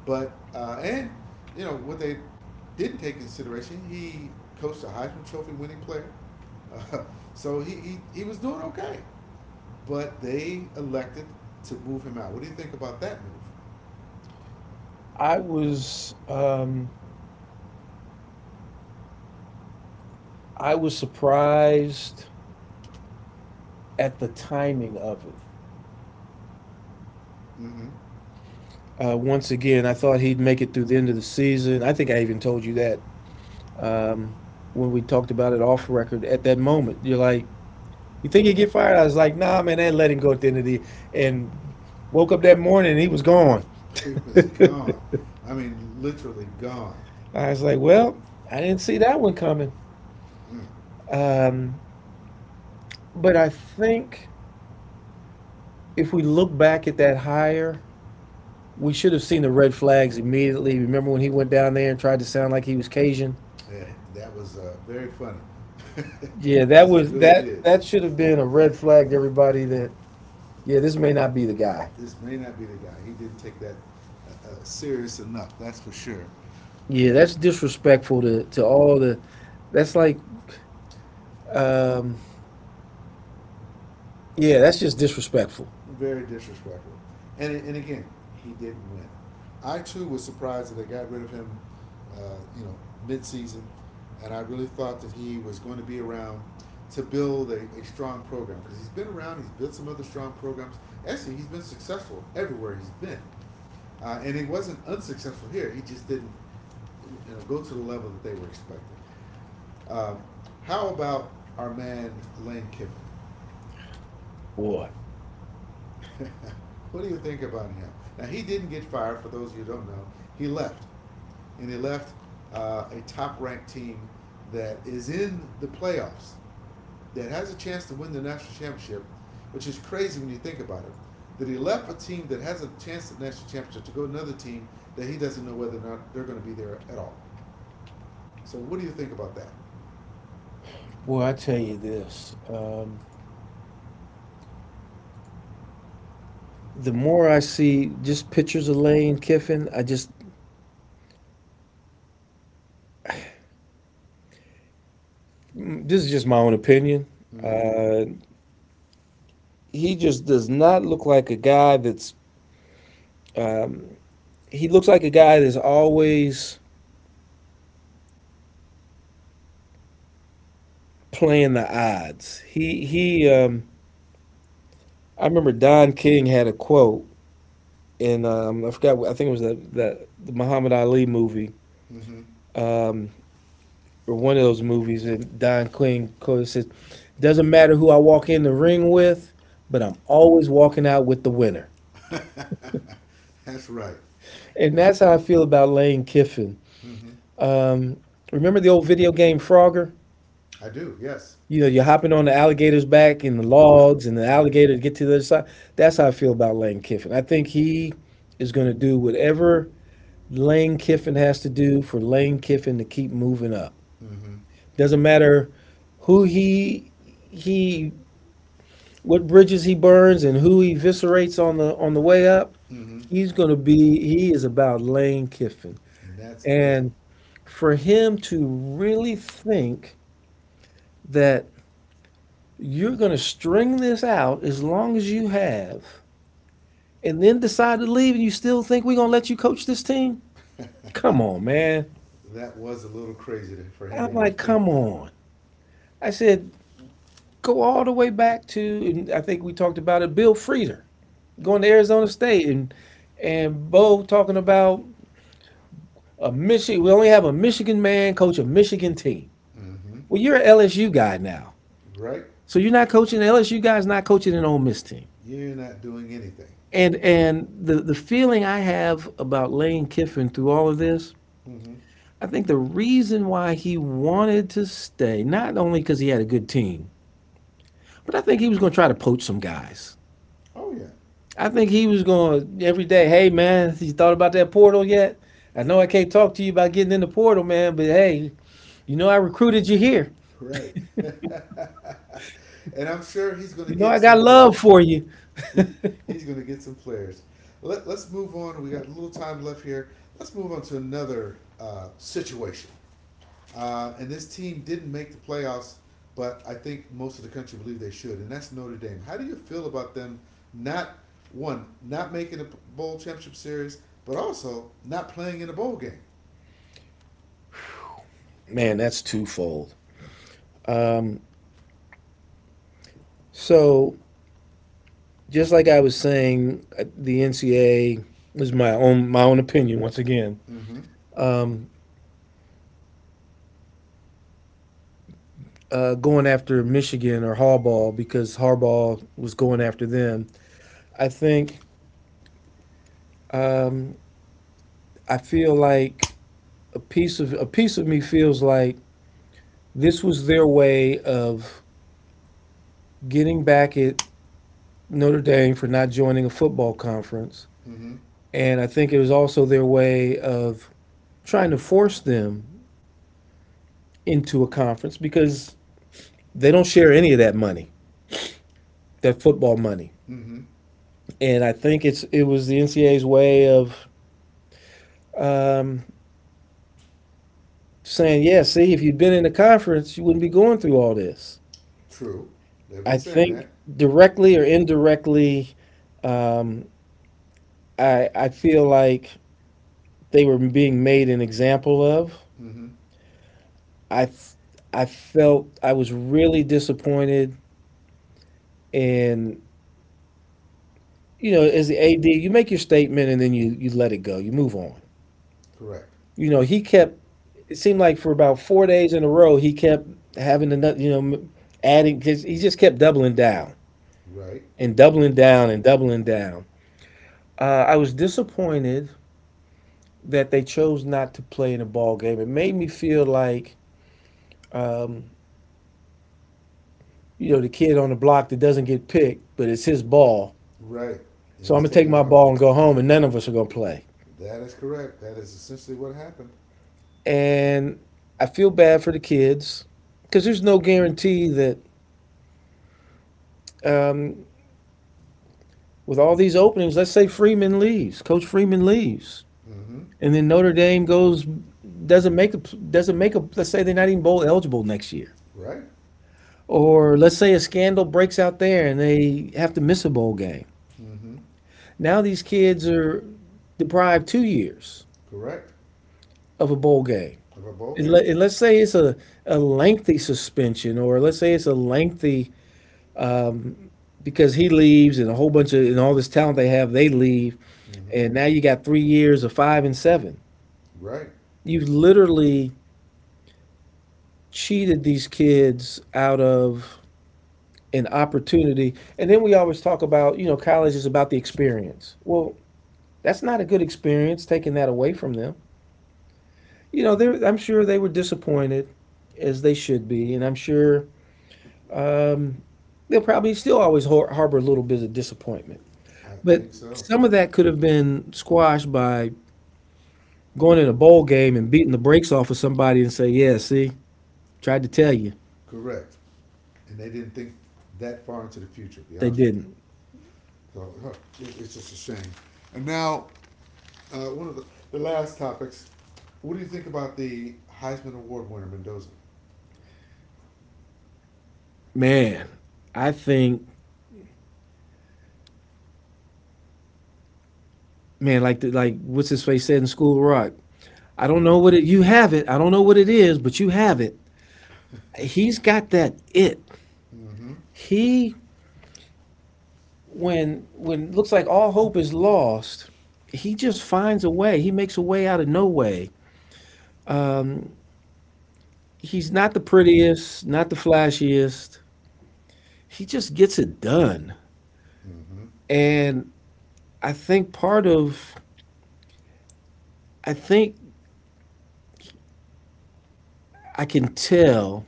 Speaker 1: but and you know what they didn't take consideration. He coached a Heisman Trophy winning player, uh, *laughs* so he was doing okay, but they elected to move him out. What do you think about that move?
Speaker 2: I was um, I was surprised at the timing of it.
Speaker 1: Mm-hmm. *laughs*
Speaker 2: Once again, I thought he'd make it through the end of the season. I think I even told you that um, when we talked about it off record. At that moment, you're like, "You think he'd get fired?" I was like, "Nah, man, they let him go at the end of the." year. And woke up that morning and he was gone.
Speaker 1: He was gone. I mean, literally gone.
Speaker 2: I was like, well, I didn't see that one coming.
Speaker 1: Mm.
Speaker 2: Um, but I think if we look back at that hire, we should have seen the red flags immediately. Remember when he went down there and tried to sound like he was Cajun?
Speaker 1: Yeah, that was very funny
Speaker 2: Yeah, that
Speaker 1: because *laughs* he
Speaker 2: was
Speaker 1: really
Speaker 2: that
Speaker 1: did.
Speaker 2: that should have been a red flag to everybody that, yeah, this may not be the guy.
Speaker 1: This may not be the guy. He didn't take that serious enough. That's for sure.
Speaker 2: Yeah, that's disrespectful to all the, that's like, um yeah, that's just disrespectful.
Speaker 1: Very disrespectful. And again, he didn't win. I too was surprised that they got rid of him. Uh, you know, mid-season, and I really thought that he was going to be around to build a strong program because he's been around. He's built some other strong programs. Actually, he's been successful everywhere he's been, and he wasn't unsuccessful here. He just didn't, you know, go to the level that they were expecting. Uh, how about our man Lane Kiffin?
Speaker 2: Boy.
Speaker 1: *laughs* What do you think about him? Now he didn't get fired. For those of you who don't know, he left, and he left a top-ranked team that is in the playoffs, that has a chance to win the national championship, which is crazy when you think about it. That he left a team that has a chance at the national championship to go to another team that he doesn't know whether or not they're going to be there at all. So what do you think about that?
Speaker 2: Boy, I tell you this. The more I see just pictures of Lane Kiffin, I just, this is just my own opinion.
Speaker 1: Mm-hmm.
Speaker 2: Uh, he just does not look like a guy that's. Um, he looks like a guy that's always playing the odds. He he. I remember Don King had a quote in, I forgot. I think it was the Muhammad Ali movie,
Speaker 1: Mm-hmm.
Speaker 2: um, or one of those movies. And Don King quote says, "Doesn't matter who I walk in the ring with, but I'm always walking out with the winner."
Speaker 1: That's right.
Speaker 2: And that's how I feel about Lane Kiffin.
Speaker 1: Mm-hmm.
Speaker 2: Um, Remember the old video game Frogger?
Speaker 1: I do. Yes.
Speaker 2: You know, you're hopping on the alligator's back and the
Speaker 1: Yep.
Speaker 2: logs and the
Speaker 1: Mm-hmm.
Speaker 2: alligator to get to the other side. That's how I feel about Lane Kiffin. I think he is going to do whatever Lane Kiffin has to do for Lane Kiffin to keep moving up.
Speaker 1: Mm-hmm.
Speaker 2: Doesn't matter who he what bridges he burns and who he eviscerates on the way up.
Speaker 1: Mm-hmm.
Speaker 2: He's going to be he is about Lane Kiffin.
Speaker 1: And that's it.
Speaker 2: And for him to really think that you're going to string this out as long as you have and then decide to leave, and you still think we're going to let you coach this team? Come on, man.
Speaker 1: That was a little crazy to, for him to
Speaker 2: I'm
Speaker 1: even
Speaker 2: like,
Speaker 1: think
Speaker 2: come
Speaker 1: that.
Speaker 2: on. I said, go all the way back to, and I think we talked about it, Bill Frieder going to Arizona State and Bo talking about a Michigan. We only have a Michigan man coach a Michigan team.
Speaker 1: Mm-hmm.
Speaker 2: Well, you're an LSU guy now,
Speaker 1: Right?
Speaker 2: so you're not coaching. The LSU guy's not coaching an Ole Miss team.
Speaker 1: You're not doing anything.
Speaker 2: And the feeling I have about Lane Kiffin through all of this,
Speaker 1: Mm-hmm.
Speaker 2: I think the reason why he wanted to stay, not only because he had a good team, but I think he was going to try to poach some guys.
Speaker 1: Oh yeah.
Speaker 2: I think he was going to every day, hey man, you thought about that portal yet? I know I can't talk to you about getting in the portal, man, but hey, you know I recruited you here.
Speaker 1: Right. *laughs* And I'm sure he's going
Speaker 2: You
Speaker 1: to
Speaker 2: know I
Speaker 1: get
Speaker 2: got
Speaker 1: some
Speaker 2: love
Speaker 1: players.
Speaker 2: for you.
Speaker 1: He, he's going to get some players. Let's move on. We got a little time left here. Let's move on to another situation. And this team didn't make the playoffs, but I think most of the country believe they should, and that's Notre Dame. How do you feel about them not, one, not making a bowl championship series, but also not playing in a bowl game?
Speaker 2: Man, that's twofold. Um, So just like I was saying, the NCAA is my own opinion once again.
Speaker 1: Mm-hmm.
Speaker 2: Going after Michigan or Harbaugh because Harbaugh was going after them. I think, um, I feel like a piece of me feels like this was their way of getting back at Notre Dame for not joining a football conference,
Speaker 1: Mm-hmm.
Speaker 2: and I think it was also their way of trying to force them into a conference because they don't share any of that money, that football money.
Speaker 1: Mm-hmm.
Speaker 2: And I think it's, it was the NCAA's way of, um, saying, yeah, see, if you'd been in the conference, you wouldn't be going through all this.
Speaker 1: True. They've been
Speaker 2: I
Speaker 1: saying that.
Speaker 2: think, directly or indirectly, um, I feel like they were being made an example of.
Speaker 1: Mm-hmm.
Speaker 2: I felt I was really disappointed. And, you know, as the AD, you make your statement and then you let it go. You move on.
Speaker 1: Correct.
Speaker 2: You know, he kept, it seemed like for about 4 days in a row, he kept having another, adding. Cause he just kept doubling down
Speaker 1: Right.
Speaker 2: and doubling down and doubling down. I was disappointed that they chose not to play in a ball game. It made me feel like, um, the kid on the block that doesn't get picked, but it's his ball.
Speaker 1: Right. And
Speaker 2: So I'm
Speaker 1: he's
Speaker 2: gonna
Speaker 1: taking
Speaker 2: take
Speaker 1: it
Speaker 2: my
Speaker 1: home.
Speaker 2: ball and go home, and none of us are gonna play.
Speaker 1: That is correct. That is essentially what happened.
Speaker 2: And I feel bad for the kids because there's no guarantee that. Um, with all these openings, let's say Freeman leaves, Coach Freeman leaves,
Speaker 1: Mm-hmm.
Speaker 2: and then Notre Dame goes, doesn't make a, doesn't make a, let's say they're not even bowl eligible next year,
Speaker 1: Right.
Speaker 2: or let's say a scandal breaks out there and they have to miss a bowl game.
Speaker 1: Mm-hmm.
Speaker 2: Now these kids are deprived 2 years
Speaker 1: Correct.
Speaker 2: of a bowl game.
Speaker 1: Of a bowl
Speaker 2: And,
Speaker 1: game.
Speaker 2: let, and let's say it's a lengthy suspension, or let's say it's a lengthy, um, because he leaves and a whole bunch of, and all this talent they have they leave,
Speaker 1: Mm-hmm.
Speaker 2: and now you got 3 years of five and seven.
Speaker 1: Right.
Speaker 2: You've literally cheated these kids out of an opportunity. And then we always talk about, you know, college is about the experience. Well, that's not a good experience, taking that away from them. You know, they're, I'm sure they were disappointed, as they should be. And I'm sure, um, they'll probably still always harbor a little bit of disappointment.
Speaker 1: I
Speaker 2: But
Speaker 1: think so.
Speaker 2: some of that could have been squashed by going in a bowl game and beating the brakes off of somebody and say, yeah, see, tried to tell you.
Speaker 1: Correct. And they didn't think that far into the future, to be
Speaker 2: They
Speaker 1: honest with you.
Speaker 2: didn't.
Speaker 1: So huh, it's just a shame. And now, one of the last topics. What do you think about the Heisman Award winner, Mendoza?
Speaker 2: Man, I think, man, like the, like what's his face said in School of Rock. I don't know what it. You have it. I don't know what it is, but you have it. He's got that it.
Speaker 1: Mm-hmm.
Speaker 2: He, when looks like all hope is lost. He just finds a way. He makes a way out of no way. Um, he's not the prettiest, not the flashiest. He just gets it done.
Speaker 1: Mm-hmm.
Speaker 2: And I think part of, I think, I can tell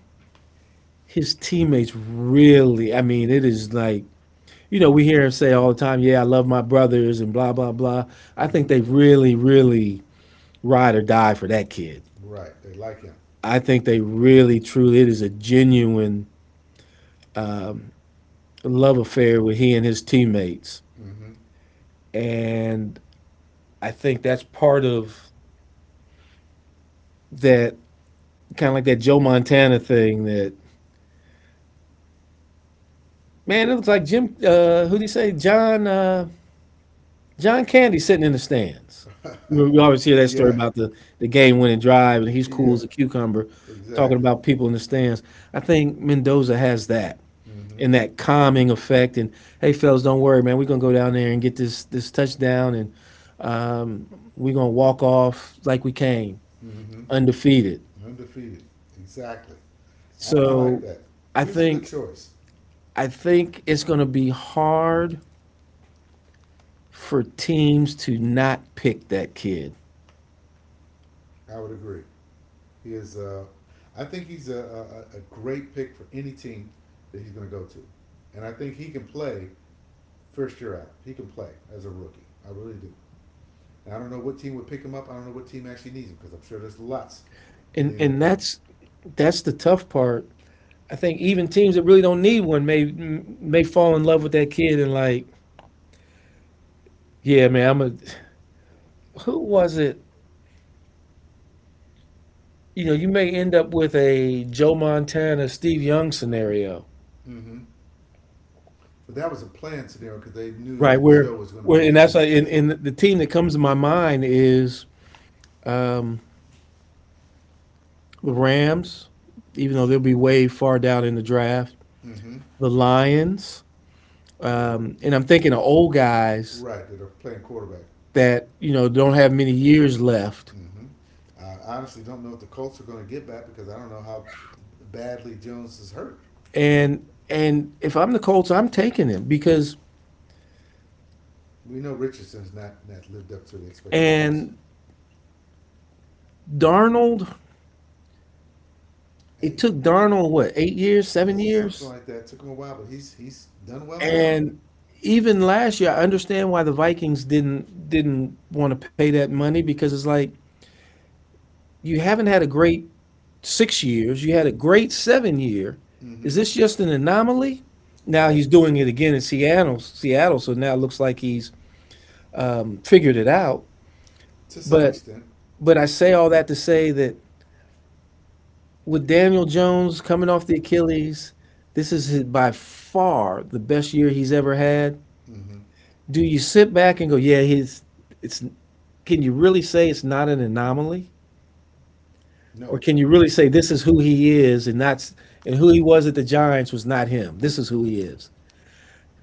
Speaker 2: his teammates really. I mean, it is like, you know, we hear him say all the time, yeah, I love my brothers and blah, blah, blah. I
Speaker 1: Mm-hmm.
Speaker 2: think they really, really ride or die for that kid.
Speaker 1: Right. They like him.
Speaker 2: I think they really, truly, it is a genuine, um, love affair with he and his teammates.
Speaker 1: Mm-hmm.
Speaker 2: And I think that's part of that, kind of like that Joe Montana thing that, man, it looks like Jim, who do you say? John, John Candy sitting in the stands. We always hear that story
Speaker 1: Yeah.
Speaker 2: about the game winning drive, and he's cool
Speaker 1: Yeah.
Speaker 2: as a cucumber, talking
Speaker 1: Exactly.
Speaker 2: about people in the stands. I think Mendoza has that,
Speaker 1: Mm-hmm.
Speaker 2: and that calming effect. And, hey, fellas, don't worry, man. We're gonna go down there and get this touchdown, and, um, we're gonna walk off like we came,
Speaker 1: Mm-hmm.
Speaker 2: undefeated.
Speaker 1: Undefeated. Exactly. I like
Speaker 2: So
Speaker 1: that.
Speaker 2: I
Speaker 1: He was a good
Speaker 2: think
Speaker 1: choice.
Speaker 2: I think it's going to be hard for teams to not pick that kid.
Speaker 1: I would agree. He is. I think he's a great pick for any team that he's going to go to, and I think he can play first year out. He can play as a rookie. I really do. And I don't know what team would pick him up. I don't know what team actually needs him because I'm sure there's lots in
Speaker 2: and
Speaker 1: the
Speaker 2: and
Speaker 1: NFL.
Speaker 2: that's the tough part. I think even teams that really don't need one may fall in love with that kid and like, yeah, man, I'm a. Who was it? You know, you may end up with a Joe Montana, Steve Young scenario,
Speaker 1: Mm-hmm. But that was a planned scenario because they knew
Speaker 2: right?
Speaker 1: that Joe
Speaker 2: Where
Speaker 1: was going to
Speaker 2: where
Speaker 1: be
Speaker 2: and that's
Speaker 1: leaving
Speaker 2: like, and
Speaker 1: shortly.
Speaker 2: the team that comes to my mind is, um, the Rams, even though they'll be way far down in the draft.
Speaker 1: Mm-hmm.
Speaker 2: The Lions,
Speaker 1: Yeah,
Speaker 2: and I'm thinking of old guys
Speaker 1: right. That are playing quarterback.
Speaker 2: that, you know, don't have many years left.
Speaker 1: Hmm. I honestly don't know if the Colts are going to get back because I don't know how badly Jones is hurt.
Speaker 2: And if I'm the Colts, I'm taking him because,
Speaker 1: We know Richardson's not lived up to the expectations.
Speaker 2: and Darnold,
Speaker 1: Hey,
Speaker 2: it
Speaker 1: he,
Speaker 2: took
Speaker 1: he-
Speaker 2: Darnold what, 8 years, seven
Speaker 1: Something
Speaker 2: years,
Speaker 1: like that took him a while, but he's done well now.
Speaker 2: and even last year, I understand why the Vikings didn't want to pay that money because it's like you haven't had a great 6 years, you had a great 7 year. Is
Speaker 1: Mm-hmm.
Speaker 2: this just an anomaly? Now
Speaker 1: Right.
Speaker 2: he's doing it again in Seattle. So now it looks like he's, figured it out.
Speaker 1: To some
Speaker 2: But
Speaker 1: extent.
Speaker 2: but I say all that to say that with Daniel Jones coming off the Achilles, this is his, by far the best year he's ever had.
Speaker 1: Mm-hmm.
Speaker 2: Do you sit back and go, yeah, he's, it's, can you really say it's not an anomaly? Or
Speaker 1: No,
Speaker 2: can you really say this is who he is and not, and who he was at the Giants was not him. This is who he is.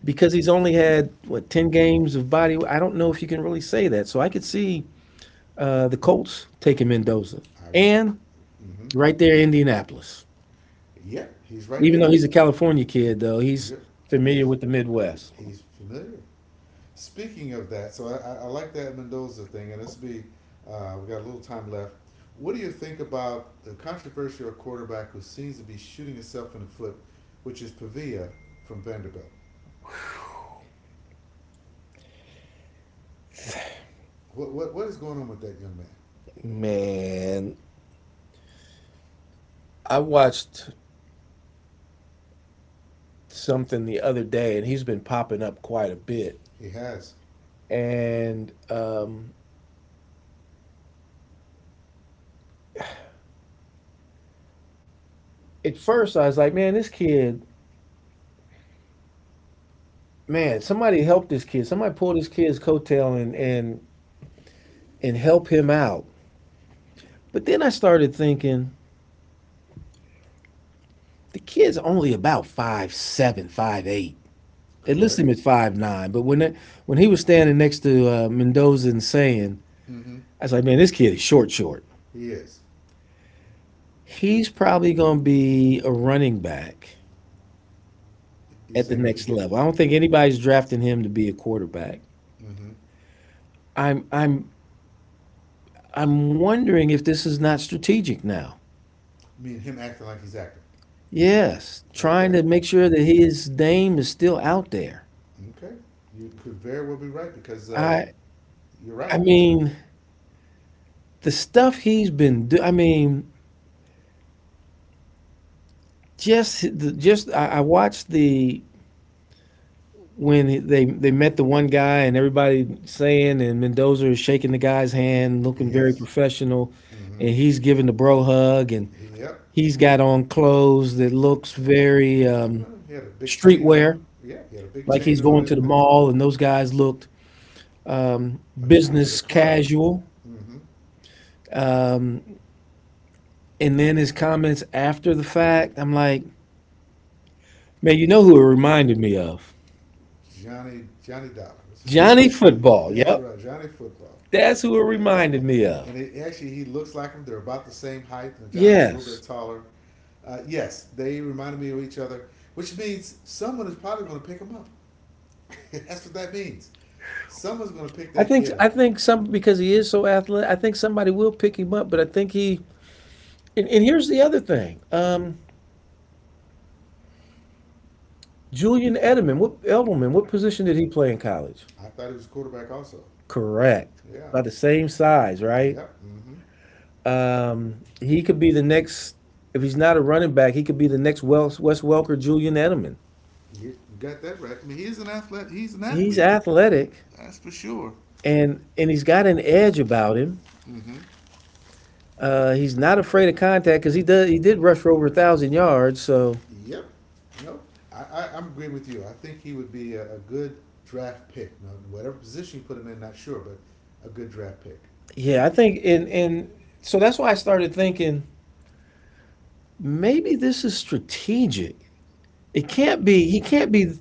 Speaker 2: Because he's only had what, 10 games of body, I don't know if you can really say that. So I could see, the Colts taking Mendoza,
Speaker 1: I would.
Speaker 2: and
Speaker 1: Mm-hmm.
Speaker 2: right there Indianapolis.
Speaker 1: Yep, he's right
Speaker 2: Even though
Speaker 1: there.
Speaker 2: he's a California kid, though, he's
Speaker 1: Yep. Yes,
Speaker 2: familiar with the Midwest.
Speaker 1: he's familiar. Speaking of that, so I like that Mendoza thing, and this will be. We got a little time left. What do you think about the controversial quarterback who seems to be shooting himself in the foot, which is Pavia from Vanderbilt? What is going on with that young man?
Speaker 2: Man, I watched something the other day, and he's been popping up quite a bit.
Speaker 1: He has,
Speaker 2: And, at first, I was like, man, this kid, man, somebody help this kid. Somebody pull this kid's coattail and and help him out. But then I started thinking, the kid's only about 5'7", 5'8". They list
Speaker 1: correct?
Speaker 2: him at 5'9", but when that, when he was standing next to, Mendoza and saying,
Speaker 1: Mm-hmm.
Speaker 2: I was like, man, this kid is short, short.
Speaker 1: He is.
Speaker 2: He's probably going to be a running back
Speaker 1: You're
Speaker 2: at the
Speaker 1: saying if he
Speaker 2: next
Speaker 1: get,
Speaker 2: level. I don't think anybody's drafting him to be a quarterback.
Speaker 1: mm-hmm.
Speaker 2: I'm, I'm, I'm wondering if this is not strategic now.
Speaker 1: I mean him acting like he's acting.
Speaker 2: Yes, trying
Speaker 1: Okay,
Speaker 2: to make sure that his name is still out there.
Speaker 1: okay. You could very well be right because
Speaker 2: I,
Speaker 1: you're right.
Speaker 2: I mean, the stuff he's been do. I mean, just, the, just. I watched the when they met the one guy and everybody saying, and Mendoza is shaking the guy's hand, looking very
Speaker 1: Yes.
Speaker 2: professional,
Speaker 1: Mm-hmm.
Speaker 2: and he's giving the bro hug, and
Speaker 1: He, yep.
Speaker 2: he's got on clothes that looks
Speaker 1: Yeah.
Speaker 2: very,
Speaker 1: Well, he had a big chain on.
Speaker 2: streetwear,
Speaker 1: Yeah, he had a big
Speaker 2: like
Speaker 1: chain
Speaker 2: he's
Speaker 1: on
Speaker 2: going
Speaker 1: and
Speaker 2: to the
Speaker 1: everything.
Speaker 2: mall, and those guys looked, um,
Speaker 1: Like he's going to the
Speaker 2: business
Speaker 1: club.
Speaker 2: casual.
Speaker 1: Mm-hmm.
Speaker 2: Um, and then his comments after the fact, I'm like, man, you know who it reminded me of?
Speaker 1: Johnny Dollars.
Speaker 2: Johnny
Speaker 1: *laughs*
Speaker 2: Football.
Speaker 1: That's
Speaker 2: Yep,
Speaker 1: right, Johnny Football.
Speaker 2: that's who it
Speaker 1: Uh,
Speaker 2: reminded me of.
Speaker 1: Actually, he looks like him. They're about the same height, and Johnny's a little bit
Speaker 2: Yes.
Speaker 1: taller. Yes, they reminded me of each other, which means someone is probably going to pick him up. *laughs* That's what that means. Someone's going to pick
Speaker 2: I
Speaker 1: that
Speaker 2: think
Speaker 1: kid
Speaker 2: I
Speaker 1: up.
Speaker 2: think some, because he is so athletic. I think somebody will pick him up, but I think he. And here's the other thing: Julian Edelman. What Edelman? What position did he play in college?
Speaker 1: I thought he was a quarterback also.
Speaker 2: Correct.
Speaker 1: Yeah.
Speaker 2: About the same size, right?
Speaker 1: Yep. Mm-hmm.
Speaker 2: He could be the next. If he's not a running back, he could be the next Wes Welker, Julian Edelman.
Speaker 1: You you got that right. I mean, he's an athlete. He's an
Speaker 2: He's
Speaker 1: athlete.
Speaker 2: athletic,
Speaker 1: That's for sure.
Speaker 2: and he's got an edge about him.
Speaker 1: Mm-hmm.
Speaker 2: He's not afraid of contact because he does. He did rush for over 1,000 yards, so
Speaker 1: Yep. Nope. I'm agreeing with you. I think he would be a good draft pick. Now, whatever position you put him in, not sure, but a good draft pick.
Speaker 2: yeah, I think, and so that's why I started thinking maybe this is strategic. It can't be. He can't be.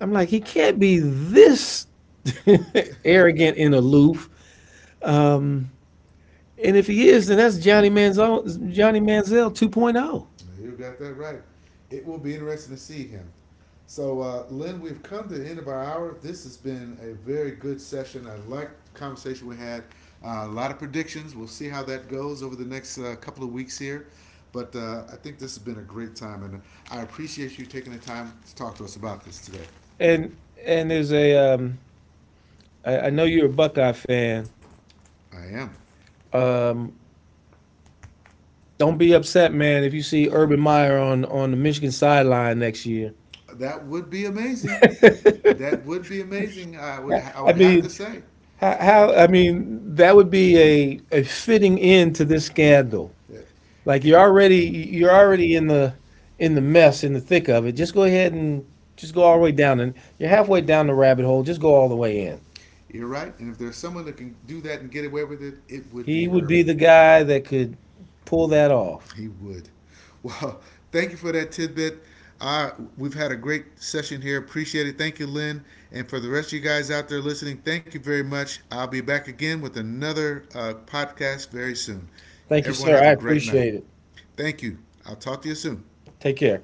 Speaker 2: I'm like, he can't be this *laughs* arrogant
Speaker 1: *laughs*
Speaker 2: and aloof. Um, and if he is, then that's Johnny Manziel, Johnny Manziel 2.0.
Speaker 1: You got that right. It will be interesting to see him. So, Lynn, we've come to the end of our hour. This has been a very good session. I liked the conversation we had. A lot of predictions. We'll see how that goes over the next couple of weeks here. But I think this has been a great time, and I appreciate you taking the time to talk to us about this today.
Speaker 2: And and there's a, I know you're a Buckeye fan.
Speaker 1: I am.
Speaker 2: Um, don't be upset, man, if you see Urban Meyer on the Michigan sideline next year.
Speaker 1: That would be amazing.
Speaker 2: *laughs*
Speaker 1: That would be amazing. I
Speaker 2: I
Speaker 1: would have to
Speaker 2: mean,
Speaker 1: say
Speaker 2: I mean, that would be a fitting end to this scandal.
Speaker 1: that
Speaker 2: Like
Speaker 1: eh,
Speaker 2: you're already in the mess, in the thick of it. Just go ahead and just go all the way down, and you're halfway down the rabbit hole. Just go all the way in.
Speaker 1: you're right. And if there's someone that can do that and get away with it, it would
Speaker 2: He
Speaker 1: be
Speaker 2: would be
Speaker 1: Urban.
Speaker 2: the guy that could pull that off.
Speaker 1: He would. Well, *laughs* thank you for that tidbit. Uh, we've had a great session here. Appreciate it. Thank you, Lynn. And for the rest of you guys out there listening, thank you very much. I'll be back again with another podcast very soon.
Speaker 2: Thank you,
Speaker 1: Everyone,
Speaker 2: sir.
Speaker 1: have
Speaker 2: I
Speaker 1: a great night.
Speaker 2: appreciate it.
Speaker 1: Thank you. I'll talk to you soon.
Speaker 2: Take care.